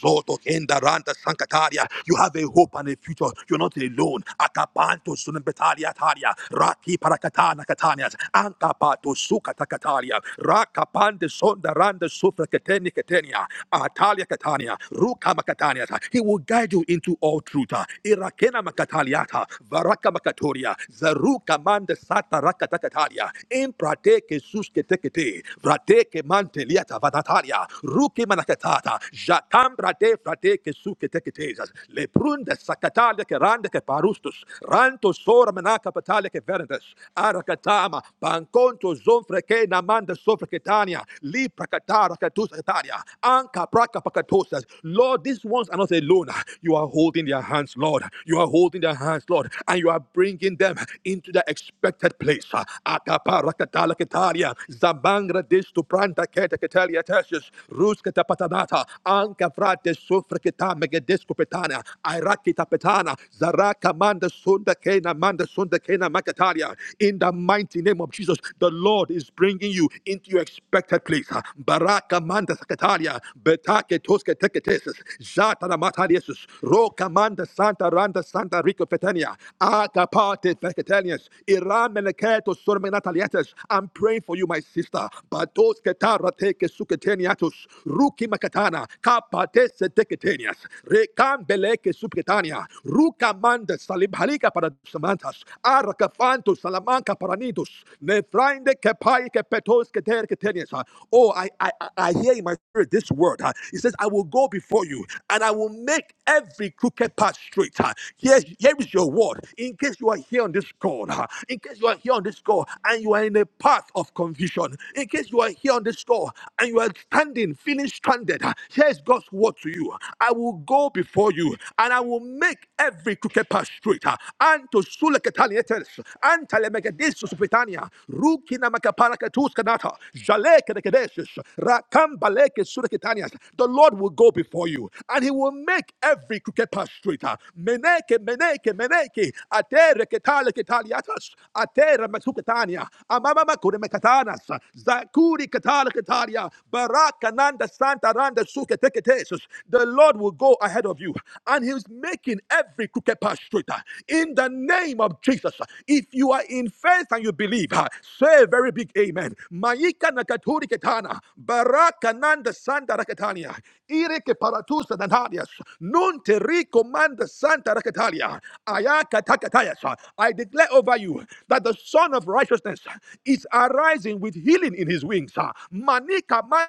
sankataria. You have a hope and a future. You're not alone. Akapanto betalia talia. Raki parakatana katanias. Ankapato suka takatalia. Rakapande sonda randa sufra keteni ketenia. Atalia katania. Ruka makatanias. He will guide you into all truth. Irakena makataliata. Varaka makatoria. Zaruka mande sata rakatakatalia. Imprate kesus ketekete. Vrate ke manteliata vatatalia. Ruki manakatata. Jakam brate frate kesu keteketezas. Leprunda Sacatalia Randeke, Randeke, Parustus, Ranto Sora Menaka Pataleke Verdes, Arakatama, Banconto Zonfreke Namanda Sofreketania, Lipra Katara Katus Kataria, Anka Praka Pakatosas. Lord, these ones are not alone. You are holding their hands, Lord. You are holding their hands, Lord, and you are bringing them into the expected place. Akapara Katala Ketaria, Zabangra Distu Pranta Keta Ketalia Tertius, Ruskata Patanata, Anka Frate Sofreketa Megadesco Iraki tapetana. Zaraka manda sunda kena manda sunda kena makataria. In the mighty name of Jesus, the Lord is bringing you into your expected place. Baraka manda sakataria. Betake toske teketesis. Jata na mataliesus. Roka manda santa randa santa rico fetania. Aka parte feketanias. Irameleketo sormenataliates. I'm praying for you, my sister. Batos ketara teke suketeniatus. Ruki makatana. Kapate se teketenias. Rekambeleke subgetania. Ruca mandas salibhalica para samantas. Arcafantus salamanca paranitus. nefrinde kepai kepetos keter keteniasa. Oh, I, I, I I hear in my spirit this word. huh? It says, I will go before you and I will make every crooked path straight. huh? Here, here is your word. In case you are here on this call, huh? in case you are here on this call and you are in a path of confusion, in case you are here on this call and you are standing, feeling stranded, huh? here's God's word. God's word to you. I will go before you and I will make every crooked path straight. And to suleketanietes, and telemegadisus pitania, rukina makaparakatus kanata, jalekedekedesis, rakambaleke suleketanias. The Lord will go before you and he will make every crooked path straight. Meneke, meneke, meneke, atere ketale ketaliatas, atere mesuketania, amama makure mekatanas, zakuri ketale ketaria, barakananda Santa. Antaranda suke teke tesus. The Lord will go ahead of you and He's making every crooked path straighter. In the name of Jesus, if you are in faith and you believe, ah, say a very big amen. Maika nakaturi ketana, baraka nanda sanda raketania, ireke paratusa nanarias, nun teriko manda santa raketalia, ayaka takatayas. I declare over you that the Son of Righteousness is arising with healing in His wings. ah. Manika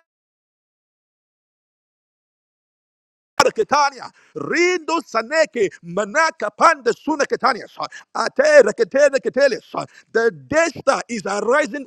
Ketania, Rindo Saneke, Manaka Panda Suna Ketanias, Ate Reketele Ketelis. The Desta is arising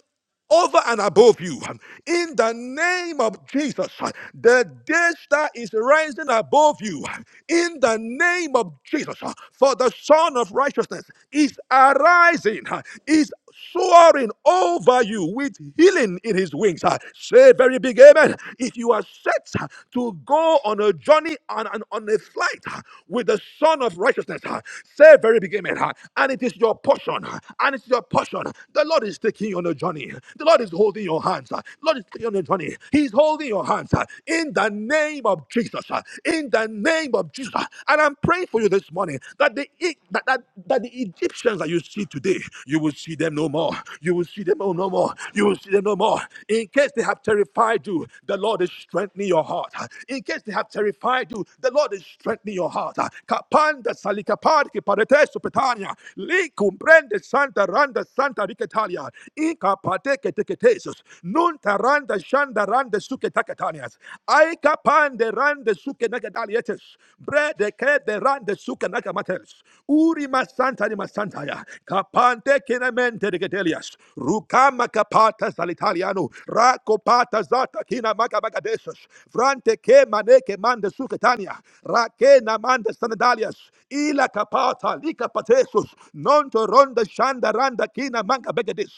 over and above you. huh. In the name of Jesus, the day is rising above you. huh. In the name of Jesus, for the Son of Righteousness is arising, huh. is soaring over you with healing in his wings. Ah, Say very big amen. If you are set ah, to go on a journey and on, on on a flight ah, with the Son of Righteousness, ah, say very big amen. ah, And it is your portion. ah, And it's your portion. The Lord is taking you on a journey. The Lord is holding your hands. ah. The Lord is taking you on a journey. He's holding your hands ah, in the name of Jesus. Uh, In in the name of Jesus. And I'm praying for you this morning that the E- that, that, that the Egyptians that you see today, you will see them no more. You will see them no no more. You will see them no more. In case they have terrified you, the Lord is strengthening your heart. In case they have terrified you, the Lord is strengthening your heart. Kapanda salikapar ki parete supetania. Likumbrende santa randa santa riketalia. Ikapate keteketesus. nun randa shanda randa suke takatanias. Aika pande randa suke nagadalietes. Bread de ke de randa suke nagamates. Uri masanta ni masantaya. Kapante kinamente regedelias. Rukama kapatas salitaliano. Rako pata zata kina maga magadesus. Frante ke maneke mande suke tania. Rake ke namanda sanadalias ila kapata lika patesus nonto ronda shanda randa kina manka begedis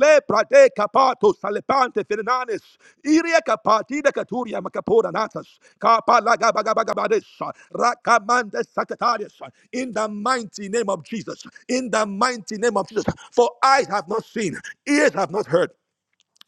le prate kapato salepante fernanes iria kapatida katuria makapora natas kapa laga rakamanda sakatarias in the mighty name of Jesus in the mighty name of Jesus for eyes have not seen ears have not heard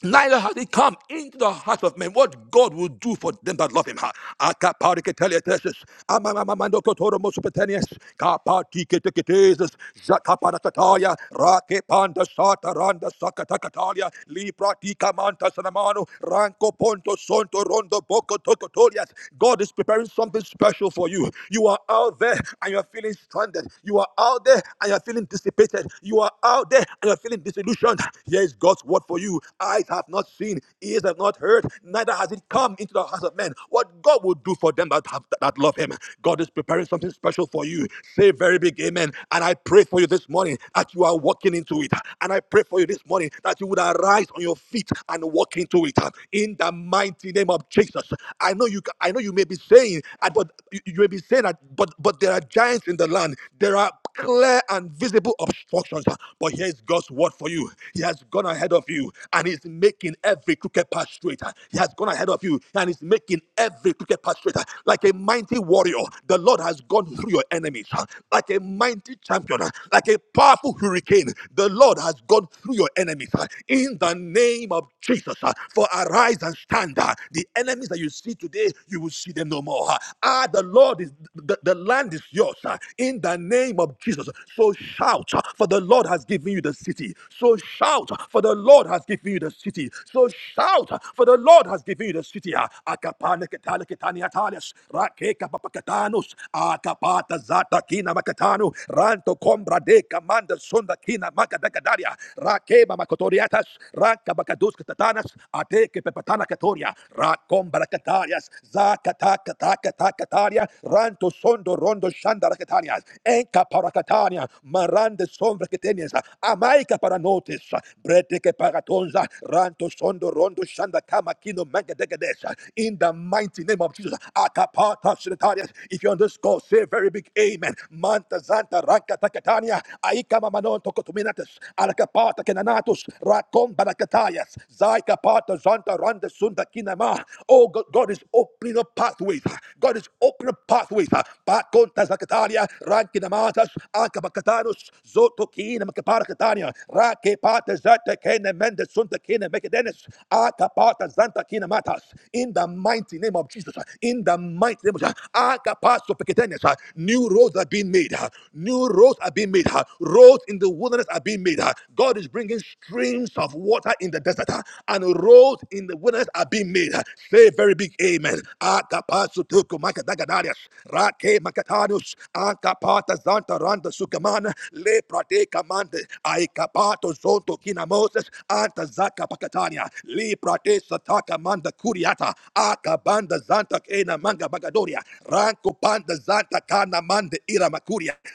Neither has it come into the heart of men what God will do for them that love him. Ha. Akapariketelietesis, amamamamandokotoromosopetenes, kapatikiteketesis, zakaparakataya, rakepandasatarandasakatakatalia, lipratikamantazanamanu, rankopontosontorondobokotokotolias. God is preparing something special for you. You are out there and you are feeling stranded. You are out there and you are feeling dissipated. You are out there and you are feeling disillusioned. Yes. God's word for you. Eyes have not seen, ears have not heard, neither has it come into the hearts of men. What God will do for them that have that love Him. God is preparing something special for you. Say very big amen. And I pray for you this morning that you are walking into it. And I pray for you this morning that you would arise on your feet and walk into it. In the mighty name of Jesus. I know you I know you may be saying, uh, but you may be saying that, but but there are giants in the land. There are clear and visible obstructions. But here's God's word word for you. He has gone ahead of you and he's making every crooked path straight. He has gone ahead of you and he's making every crooked path straight. Like a mighty warrior, the Lord has gone through your enemies. Like a mighty champion, like a powerful hurricane, the Lord has gone through your enemies. In the name of Jesus, for arise and stand. The enemies that you see today, you will see them no more. Ah, the Lord is the, the land is yours. In the name of Jesus, so shout for the the Lord has given you the city. So shout, for the Lord has given you the city. So shout, for the Lord has given you the city. Ah, Akapane ketale ketani atales, rake kapapakatanus, akapata zata kina makatanu, ranto kombra de kamanda sunda kina makadakadaria, rake mamakotoriatas, ranka katatanas, ateke pepatana katoria, rakombra katarias, zakata kataka katakaria, ranto sondo rondo shanda rakatarias, enka parakatani Catania, Marande Sombra Ketenias, Amaica Paranotis, Breteke Paratonza, Ranto Sondo Rondo Shanda Kama Kino Mangadegadesa, in the mighty name of Jesus. Akapata Sinatarias. If you're say a very big amen. Manta Zanta Ranka Takatania. Aikama Manon Tokotuminatus. Alakapata Kenanatus. Rakon Barakatayas. Zaika Pata Zanta Randa Sunda Kinama. Oh God, God is opening up pathways. God is opening up pathways. Pakonta Zakataria rankina matas akabakatanus zoto kina rake pata zata mendes sunta mekadenes akapata zanta matas in the mighty name of Jesus in the mighty name of Jesus akapaso pekadenes new roads are being made new roads are being made roads in the wilderness are being made God is bringing streams of water in the desert and roads in the wilderness are being made say a very big amen akapaso tukumaka dagadarias rake Makatanus, Ankapata Zanta Randa Sukamana, Le Prate Kamande, Aikapato Zonto Kinamoses, Anta Zaka Pakatania, Le Prate Sataka Manda Kuriata, Akabanda Zanta Kena Manga Bagadoria, Ranko Panda Zanta Kana Mande Ira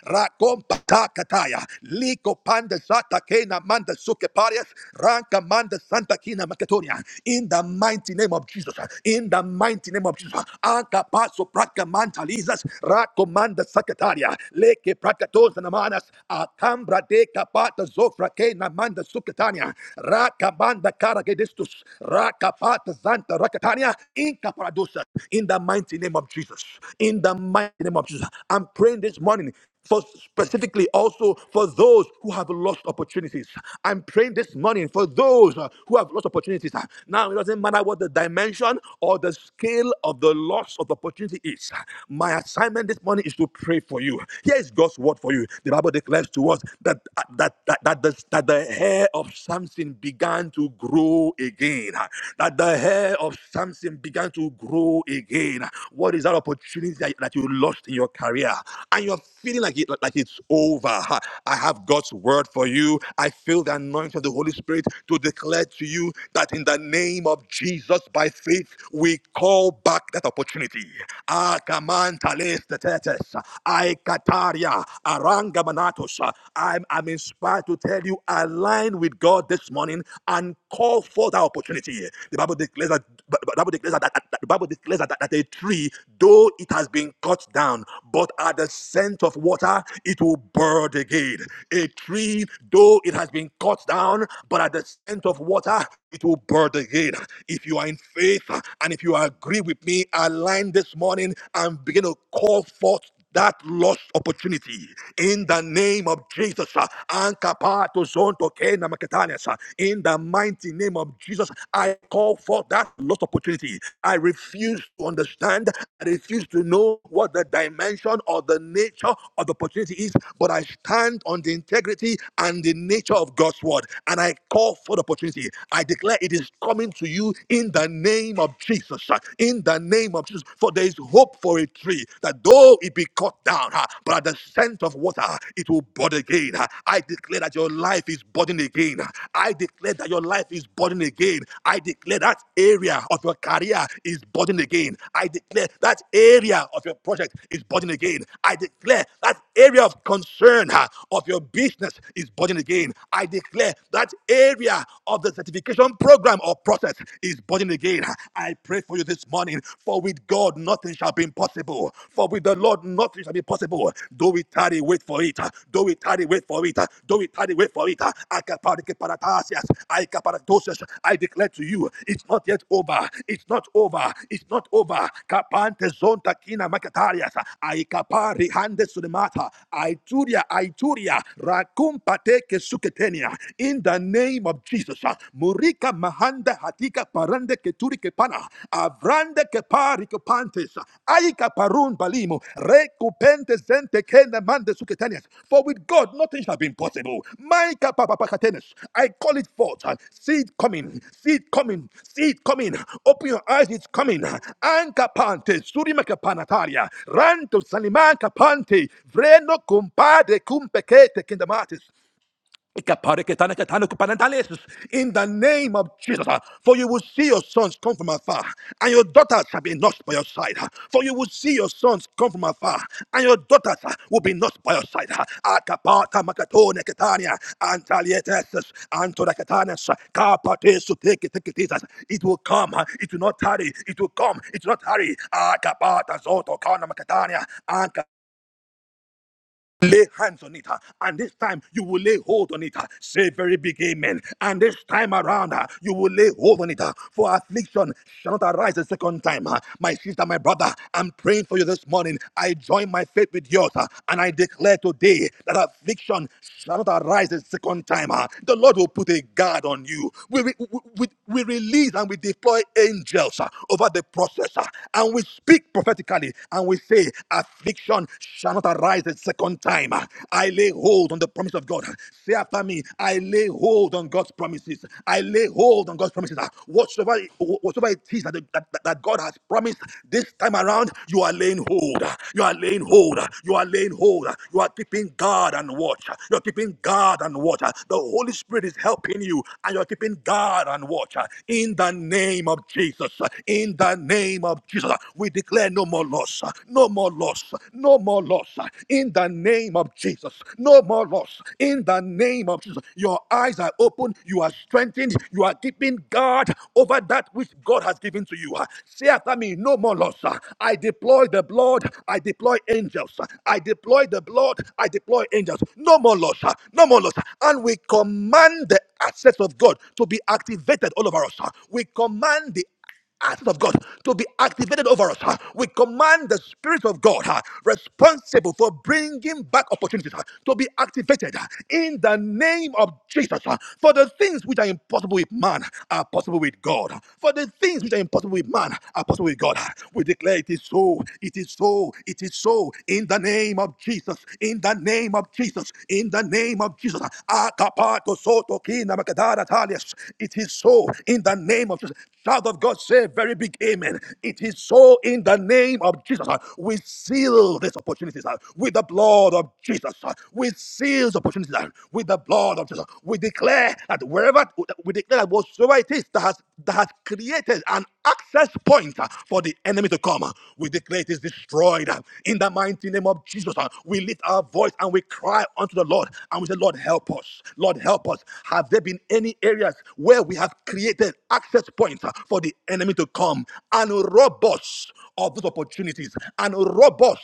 Rakompa Takataya, Liko Panda Zata Kena Manda Sukeparias, Ranka Manda Santa Kina Makatonia, in the mighty name of Jesus, in the mighty name of Jesus, Anka Paso Praka. Rakamanchalizas, Rakomanda Sakataria, Leke Prakatos Namanas, Akambra de Kapata Zofra Namanda Sukatania, Rakamanda Karagedistus, Rakapata Zanta Rakatania, Inka Paradosa, in the mighty name of Jesus. In the mighty name of Jesus. I'm praying this morning for specifically also for those who have lost opportunities. I'm praying this morning for those uh, who have lost opportunities. Uh, Now, it doesn't matter what the dimension or the scale of the loss of opportunity is. My assignment this morning is to pray for you. Here is God's word for you. The Bible declares to us that uh, that that, that, the, that the hair of Samson began to grow again. uh, That the hair of Samson began to grow again. What is that opportunity that, that you lost in your career? And you're feeling like it, like it's over. I have God's word for you. I feel the anointing of the Holy Spirit to declare to you that in the name of Jesus, by faith, we call back that opportunity. Akamantaletetetes, aikataria, arangamanatos. I'm, I'm inspired to tell you, align with God this morning and call for that opportunity Trinity. here. The Bible declares that the Bible declares that- that- the Bible declares that, that a tree, though it has been cut down, but at the scent of water it will bud again. A tree, though it has been cut down, but at the scent of water it will bud again. If you are in faith and if you agree with me, align this morning and begin to call forth that lost opportunity in the name of Jesus. uh, Ankapato zonto kena maketanias, uh, In the mighty name of Jesus, I call for that lost opportunity. I refuse to understand. I refuse to know what the dimension or the nature of the opportunity is, but I stand on the integrity and the nature of God's word. And I call for the opportunity. I declare it is coming to you in the name of Jesus. uh, In the name of Jesus righteous, for there is hope for a tree that though it be cut down, ah, but at the scent of water, it will bud again. ah. I declare that your life is budding again. Uh, I declare that your life is budding again. I declare that area of your career is budding again. I declare that area of your project is budding again. I declare that area of concern uh, of your business is budding again. I declare that area of the certification program or process is budding again. I pray for you this morning, for with God nothing shall be impossible. For with the Lord nothing shall be possible. Though we tarry, wait for it. Though we tarry, wait for it. Though we tarry, wait for it. Akaparike paratasias. I declare to you, it's not yet over. It's not over. It's not over. Kapante zonta kina makatarias. Aikapari hande sulemata. Aituria, Aituria. Rakumpate kesuketenia. In the name of Jesus. Murika mahanda hatika parande keturi kepana. Avrande kepari kepantes. Aika parun balimo. Recupente sente kene mande suketanias. For with God nothing shall be impossible. Maika papapakatenes. I call it forth. see it coming. see it coming. see it coming. Open your eyes. It's coming. Anka pante. Surimaka panataria. Ranto sanimanka pante. Vreno compade cumpecete in the name of Jesus, uh, for you will see your sons come from afar, and your daughters shall be nursed by your side. uh, For you will see your sons come from afar, and your daughters uh, will be nursed by your side. uh. Akapata makatone ketania, antalietesis, antoraketanes, uh, kapatesu teke teketitas. It will come, uh, it will not tarry, it will come, it will not tarry. Akapata zoto kana makatania, lay hands on it, uh, and this time you will lay hold on it. uh, Say very big amen. And this time around, uh, you will lay hold on it, uh, for affliction shall not arise a second time. uh. My sister, my brother, I'm praying for you this morning. I join my faith with yours, uh, and I declare today that affliction shall not arise a second time. uh. The Lord will put a guard on you. We, we, we, we release and we deploy angels uh, over the process, uh, and we speak prophetically, and we say, affliction man shall not arise a second time. I lay hold on the promise of God. Say after me, I lay hold on God's promises. I lay hold on God's promises. Whatsoever, whatsoever it is that, that, that God has promised this time around, you are laying hold. You are laying hold. You are laying hold. You are keeping guard and watch. You're keeping guard and watch. The Holy Spirit is helping you, and you're keeping guard and watch. In the name of Jesus. In the name of Jesus. We declare no more loss loss, no more loss, no more loss. In the name of Jesus, no more loss. In the name of Jesus, your eyes are open, you are strengthened, you are keeping guard over that which God has given to you. Say after me, no more loss. I deploy the blood, I deploy angels, I deploy the blood, I deploy angels. No more loss, no more loss. And we command the assets of God to be activated all over us. We command the Acts of God to be activated over us. huh? We command the Spirit of God huh, responsible for bringing back opportunities huh, to be activated huh, in the name of Jesus. huh. For the things which are impossible with man are possible with God. huh, For the things which are impossible with man are possible with God. huh? We declare it is so, it is so, it is so in the name of Jesus, in the name of Jesus, in the name of Jesus. huh. Akapato soto kina makadara talias. It is so in the name of Jesus. Child of God, say a very big amen. It is so in the name of Jesus. uh, We seal these opportunities uh, with the blood of Jesus. uh, We seal these opportunities uh, with the blood of Jesus. We declare that wherever we declare that whatsoever it is that has that has created an access point uh, for the enemy to come. uh, We declare it is destroyed uh, in the mighty name of Jesus. uh, We lift our voice and we cry unto the Lord and we say, Lord, help us. Lord, help us. Have there been any areas where we have created access points for the enemy to come and rob us of those opportunities and rob us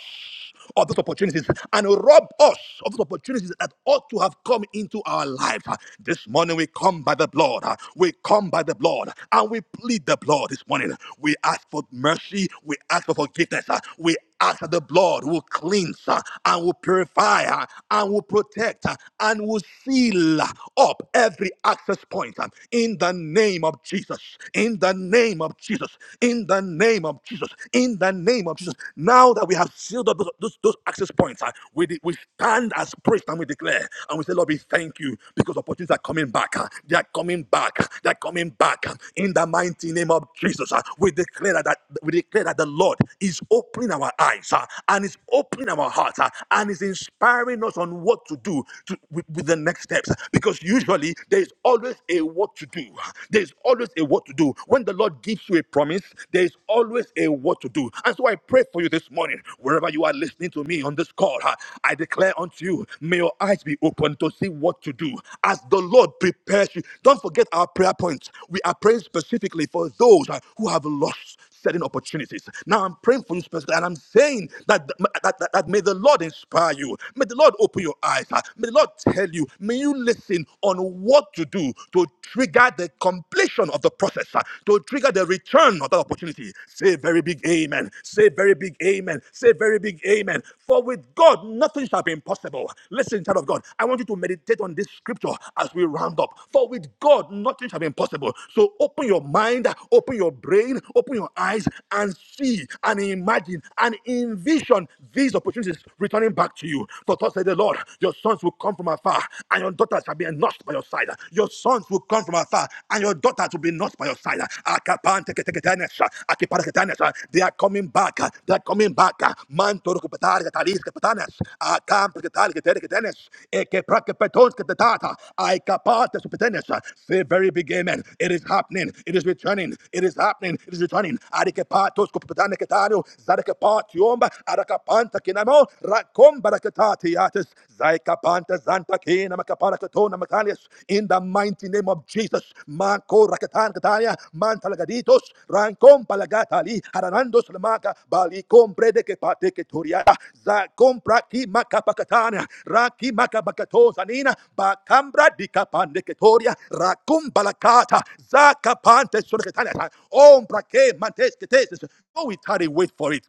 of those opportunities and rob us of those opportunities that ought to have come into our life. This morning we come by the blood. We come by the blood and we plead the blood this morning. We ask for mercy. We ask for forgiveness. We as the blood will cleanse uh, and will purify uh, and will protect uh, and will seal uh, up every access point uh, in the name of Jesus. In the name of Jesus. In the name of Jesus. In the name of Jesus. Now that we have sealed up those, those, those access points, uh, we, we stand as priests and we declare and we say, Lord, we thank you because opportunities are coming back. uh, They are coming back. They are coming back uh, in the mighty name of Jesus. uh, We declare that that- we declare that the Lord is opening our our eyes uh, and it's opening our hearts uh, and it's inspiring us on what to do to, with, with the next steps because usually there is always a what to do. There is always a what to do. When the Lord gives you a promise, there is always a what to do. And so I pray for you this morning, wherever you are listening to me on this call, uh, I declare unto you, may your eyes be open to see what to do as the Lord prepares you. Don't forget our prayer points. We are praying specifically for those uh, who have lost certain opportunities. Now I'm praying for you specifically, and I'm saying that, that, that, that may the Lord inspire you. May the Lord open your eyes. ah. May the Lord tell you. May you listen on what to do to trigger the completion of the process, ah, to trigger the return of that opportunity. Say very big amen. Say very big amen. Say very big amen. For with God, nothing shall be impossible. Listen, child of God, I want you to meditate meditate on this scripture as we round up. For with God, nothing shall be impossible. So open your mind, open your brain, open your eyes, and see and imagine and envision these opportunities returning back to you. For thus said the Lord, your sons will come from afar, and your daughters shall be ennursed by your side. Your sons will come from afar, and your daughters will be nursed by your side. Akapanteketeketenesha, akipareketenesha. They are coming back. uh, They are coming back. uh, Manto recuperar catalis capitanas. A campo que tal que tere que tenes. E que pra que petons que tetata. Ai capate supetenes. Say very big amen. It is happening. It is returning. It is happening. It is returning. Ari que patos cupitane que tario. Zara que patiomba. Ara que panta que namo. Racomba ra que tatiates. Zaikapanta Zanta Kena Makapara Katona Makalias, in the mighty name of Jesus. Manko Rakatan Kataya, Mantalagaditos, Rankom Palagatali, Haranandos Lamaka, Bali Comprede que Pate que Turia, Za Compra Ki Makapakatana, Raki Makabakatozanina, Bakambra di Capande que Turia, Rakum Balakata, Zakapante Sulcatana, Ombra ke Mantes que Tesis. Oh, we tarry, wait for it.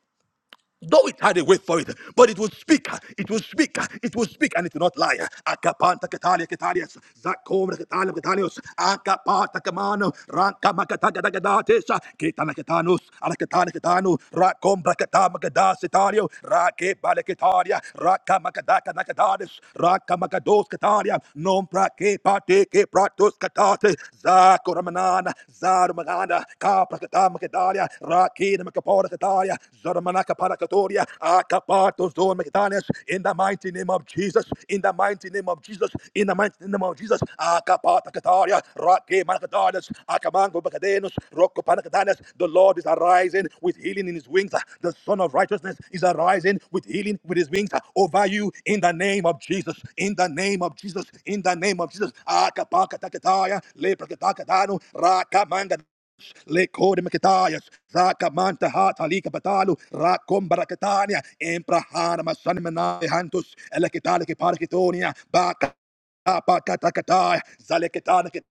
Though it had a way for it, but it would speak, it would speak, it would speak, and it will not lie. Akapanta katalia katalias, zakom katalia katalios, akapata kamano, ranka makataga dagatesa, kitana katanos, alakatana katano, rakom brakata magadas italio, rake balakataria, raka makadaka nakadades, raka makados katalia, non prake pate ke pratos katate, zakoramanana, zarumagana, kaprakata makadalia, Akina Makaporakataya, Zoramanaka Parakatoria, Akapatos Dor Makatanes, in the mighty name of Jesus, in the mighty name of Jesus, in the mighty name of Jesus, Akapata Kataria, Rake Makatanes, Akamango Bakadenos, Roko Parakatanes, the Lord is arising with healing in his wings. The Son of Righteousness is arising with healing with his wings over you in the name of Jesus, in the name of Jesus, in the name of Jesus, Akapaka Takataya, Lepra Katakatano, lekode makitayas, zaka manta hata lika batalu, rakom barakatania, emprahana masanimana hantus, elekitale ke parkitonia, Baka Apakatakatai, Zaleketanek,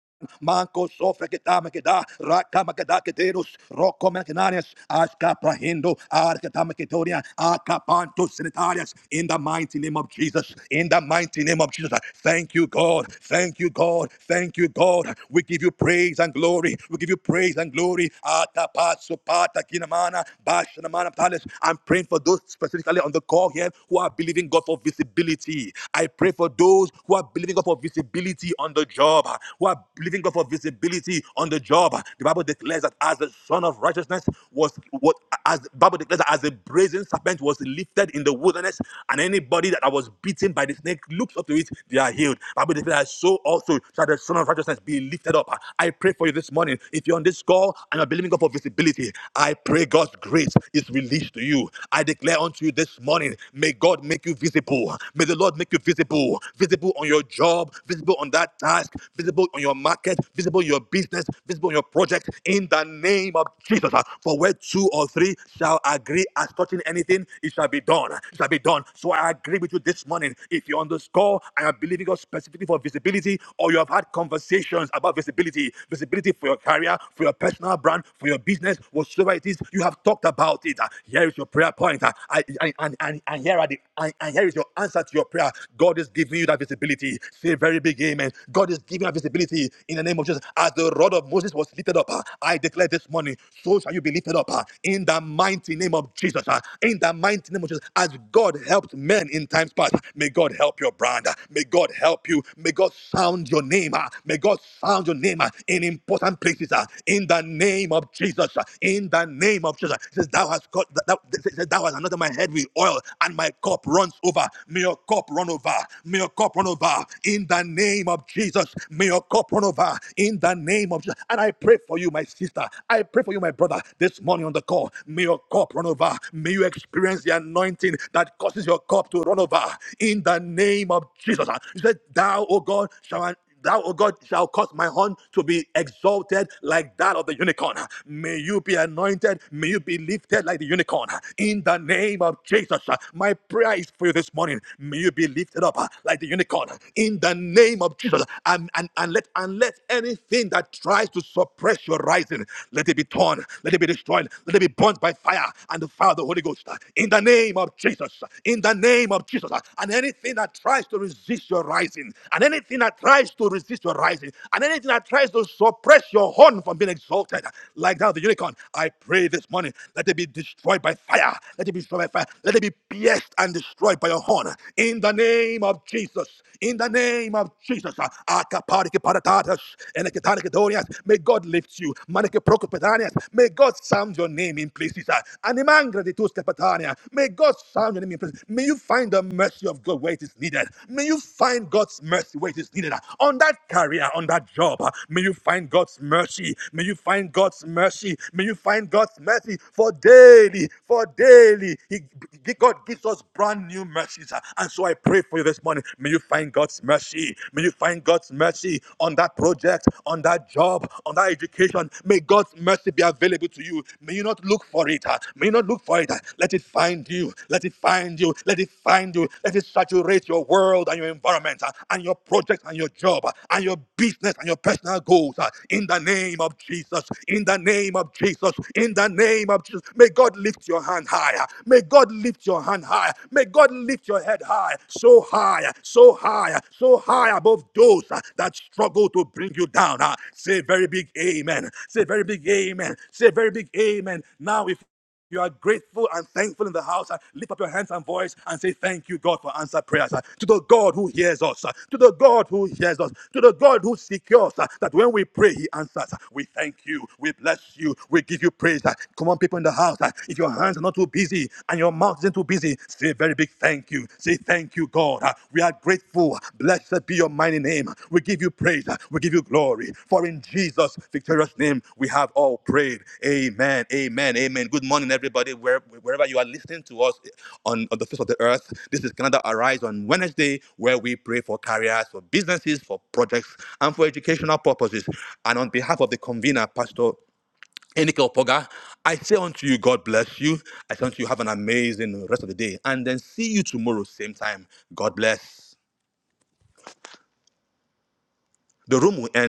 Manco Sofraketamakeda, Rakamakadaketerus, Rokomakananias, Askaprahindo, Arkatamakadonia, Akapanto Sanitarius, in the mighty name of Jesus, in the mighty name of Jesus. Thank you, God. Thank you, God. Thank you, God. We give you praise and glory. We give you praise and glory. Atapasopata kinamana, bashanamana palace. I'm praying for those specifically on the call here who are believing God for visibility. I pray for those those who are believing God for visibility on the job, uh, who are believing God for visibility on the job. Uh, The Bible declares that as the son of righteousness was what as the Bible declares that as the brazen serpent was lifted in the wilderness, and anybody that was beaten by the snake looks up to it, they are healed. The Bible declares that so also shall the son of righteousness be lifted up. Uh, I pray for you this morning. If you're on this call and you're believing God for visibility, I pray God's grace is released to you. I declare unto you this morning, may God make you visible. May the Lord make you visible, visible on your job, visible on that task, visible on your market, visible in your business, visible on your project, in the name of Jesus. Uh, For where two or three shall agree as touching anything, it shall be done. It shall be done. So I agree with you this morning. If you're on this call and you're believing God specifically for visibility, or you have had conversations about visibility, visibility for your career, for your personal brand, for your business, whatsoever it is, you have talked about it. Uh, Here is your prayer point. Uh, I- I- And and- and here are the and, and here is is your answer to your prayer. God is giving you that visibility. Say very big amen. God is giving you that visibility in the name of Jesus. As the rod of Moses was lifted up, uh, I declare this morning, so shall you be lifted up uh, in the mighty name of Jesus. uh, In the mighty name of Jesus. As God helped men in times past, may God help your brand. uh, May God help you. May God sound your name. uh, May God sound your name uh, in important places. uh, In the name of Jesus. uh, In the name of Jesus. He says, Thou hast got, thou, thou- says, thou hast anointed my head with oil, and my my cup runs over. May your cup run over. May your cup run over. In the name of Jesus, may your cup run over. In the name of Jesus. And I pray for you, my sister. I pray for you, my brother, this morning on the call. May your cup run over. May you experience the anointing that causes your cup to run over. In the name of Jesus. You said, Thou, O God, shall Thou, O God, shall cause my horn to be exalted like that of the unicorn. May you be anointed. May you be lifted like the unicorn. In the name of Jesus, my prayer is for you this morning. May you be lifted up like the unicorn. In the name of Jesus, and, and, and, let, and let anything that tries to suppress your rising, let it be torn, let it be destroyed, let it be burnt by fire and the fire of the Holy Ghost. In the name of Jesus, in the name name of Jesus. uh, And anything that tries to resist your rising, and anything that tries to resist your rising, and anything that tries to suppress your horn from being exalted, uh, like that of the unicorn, I pray this morning, let it be destroyed by fire. Let it be destroyed by fire. Let it be pierced and destroyed by your horn. In the name of Jesus. In the name of Jesus. uh, Akaparikeparatatas, Enekataniketorias, May God lift you. Manikeprokopetanias, May God sound your name in in places. uh, Animangra de tus capitania. May God sound your name in places. May you find the mercy of God where it is needed. May you find God's mercy where it is needed. uh, On that career, on that job, uh, may you find God's mercy. May you find God's mercy. May you find God's mercy for daily, for daily. He, God gives us brand new mercies. uh, And so I pray for you this morning. May you find God's mercy. May you find God's mercy on that project, on that that job, on that education. May God's mercy be available to you. May you not look for it. ah. May you not look for it. ah. Let it find you. Let it find you. Let it find you. Let it saturate your world and your environment ah, and your project and your job ah, and your business and your personal goals. ah. In the name of Jesus. In the name of Jesus. In the name of Jesus. May God lift your hand higher. May God lift your hand higher. May God lift your head high. So high. so so high, so high above those uh, that struggle to bring you down. uh. Say a very big amen. Say a very big amen. Say a very big amen. Now, if you are grateful and thankful in the house, uh, lift up your hands and voice and say, Thank you, God, for answered prayers. uh, To the God who hears us, uh, to the God who hears us, to the God who secures uh, that when we pray, He answers. uh, We thank you, we bless you, we give you praise. uh. Come on, people in the house, uh, if your hands are not too busy, and your mouth isn't too busy, say a very big thank you. Say thank you, God. Uh, We are grateful. Blessed be your mighty name. We give you praise. Uh, We give you glory. For in Jesus' victorious name, we have all prayed. Amen. Amen. Amen. Good morning, everybody. Where- Wherever you are listening to us eh, on, on the face of the earth, this is Canada Arise on Wednesday, where we pray for careers, for businesses, for projects, and for educational purposes. And on behalf of the convener, Pastor Enikel Poga, I say unto you, God bless you. I say unto you, have an amazing rest of the day. And then see you tomorrow, same time. God bless. The room will end.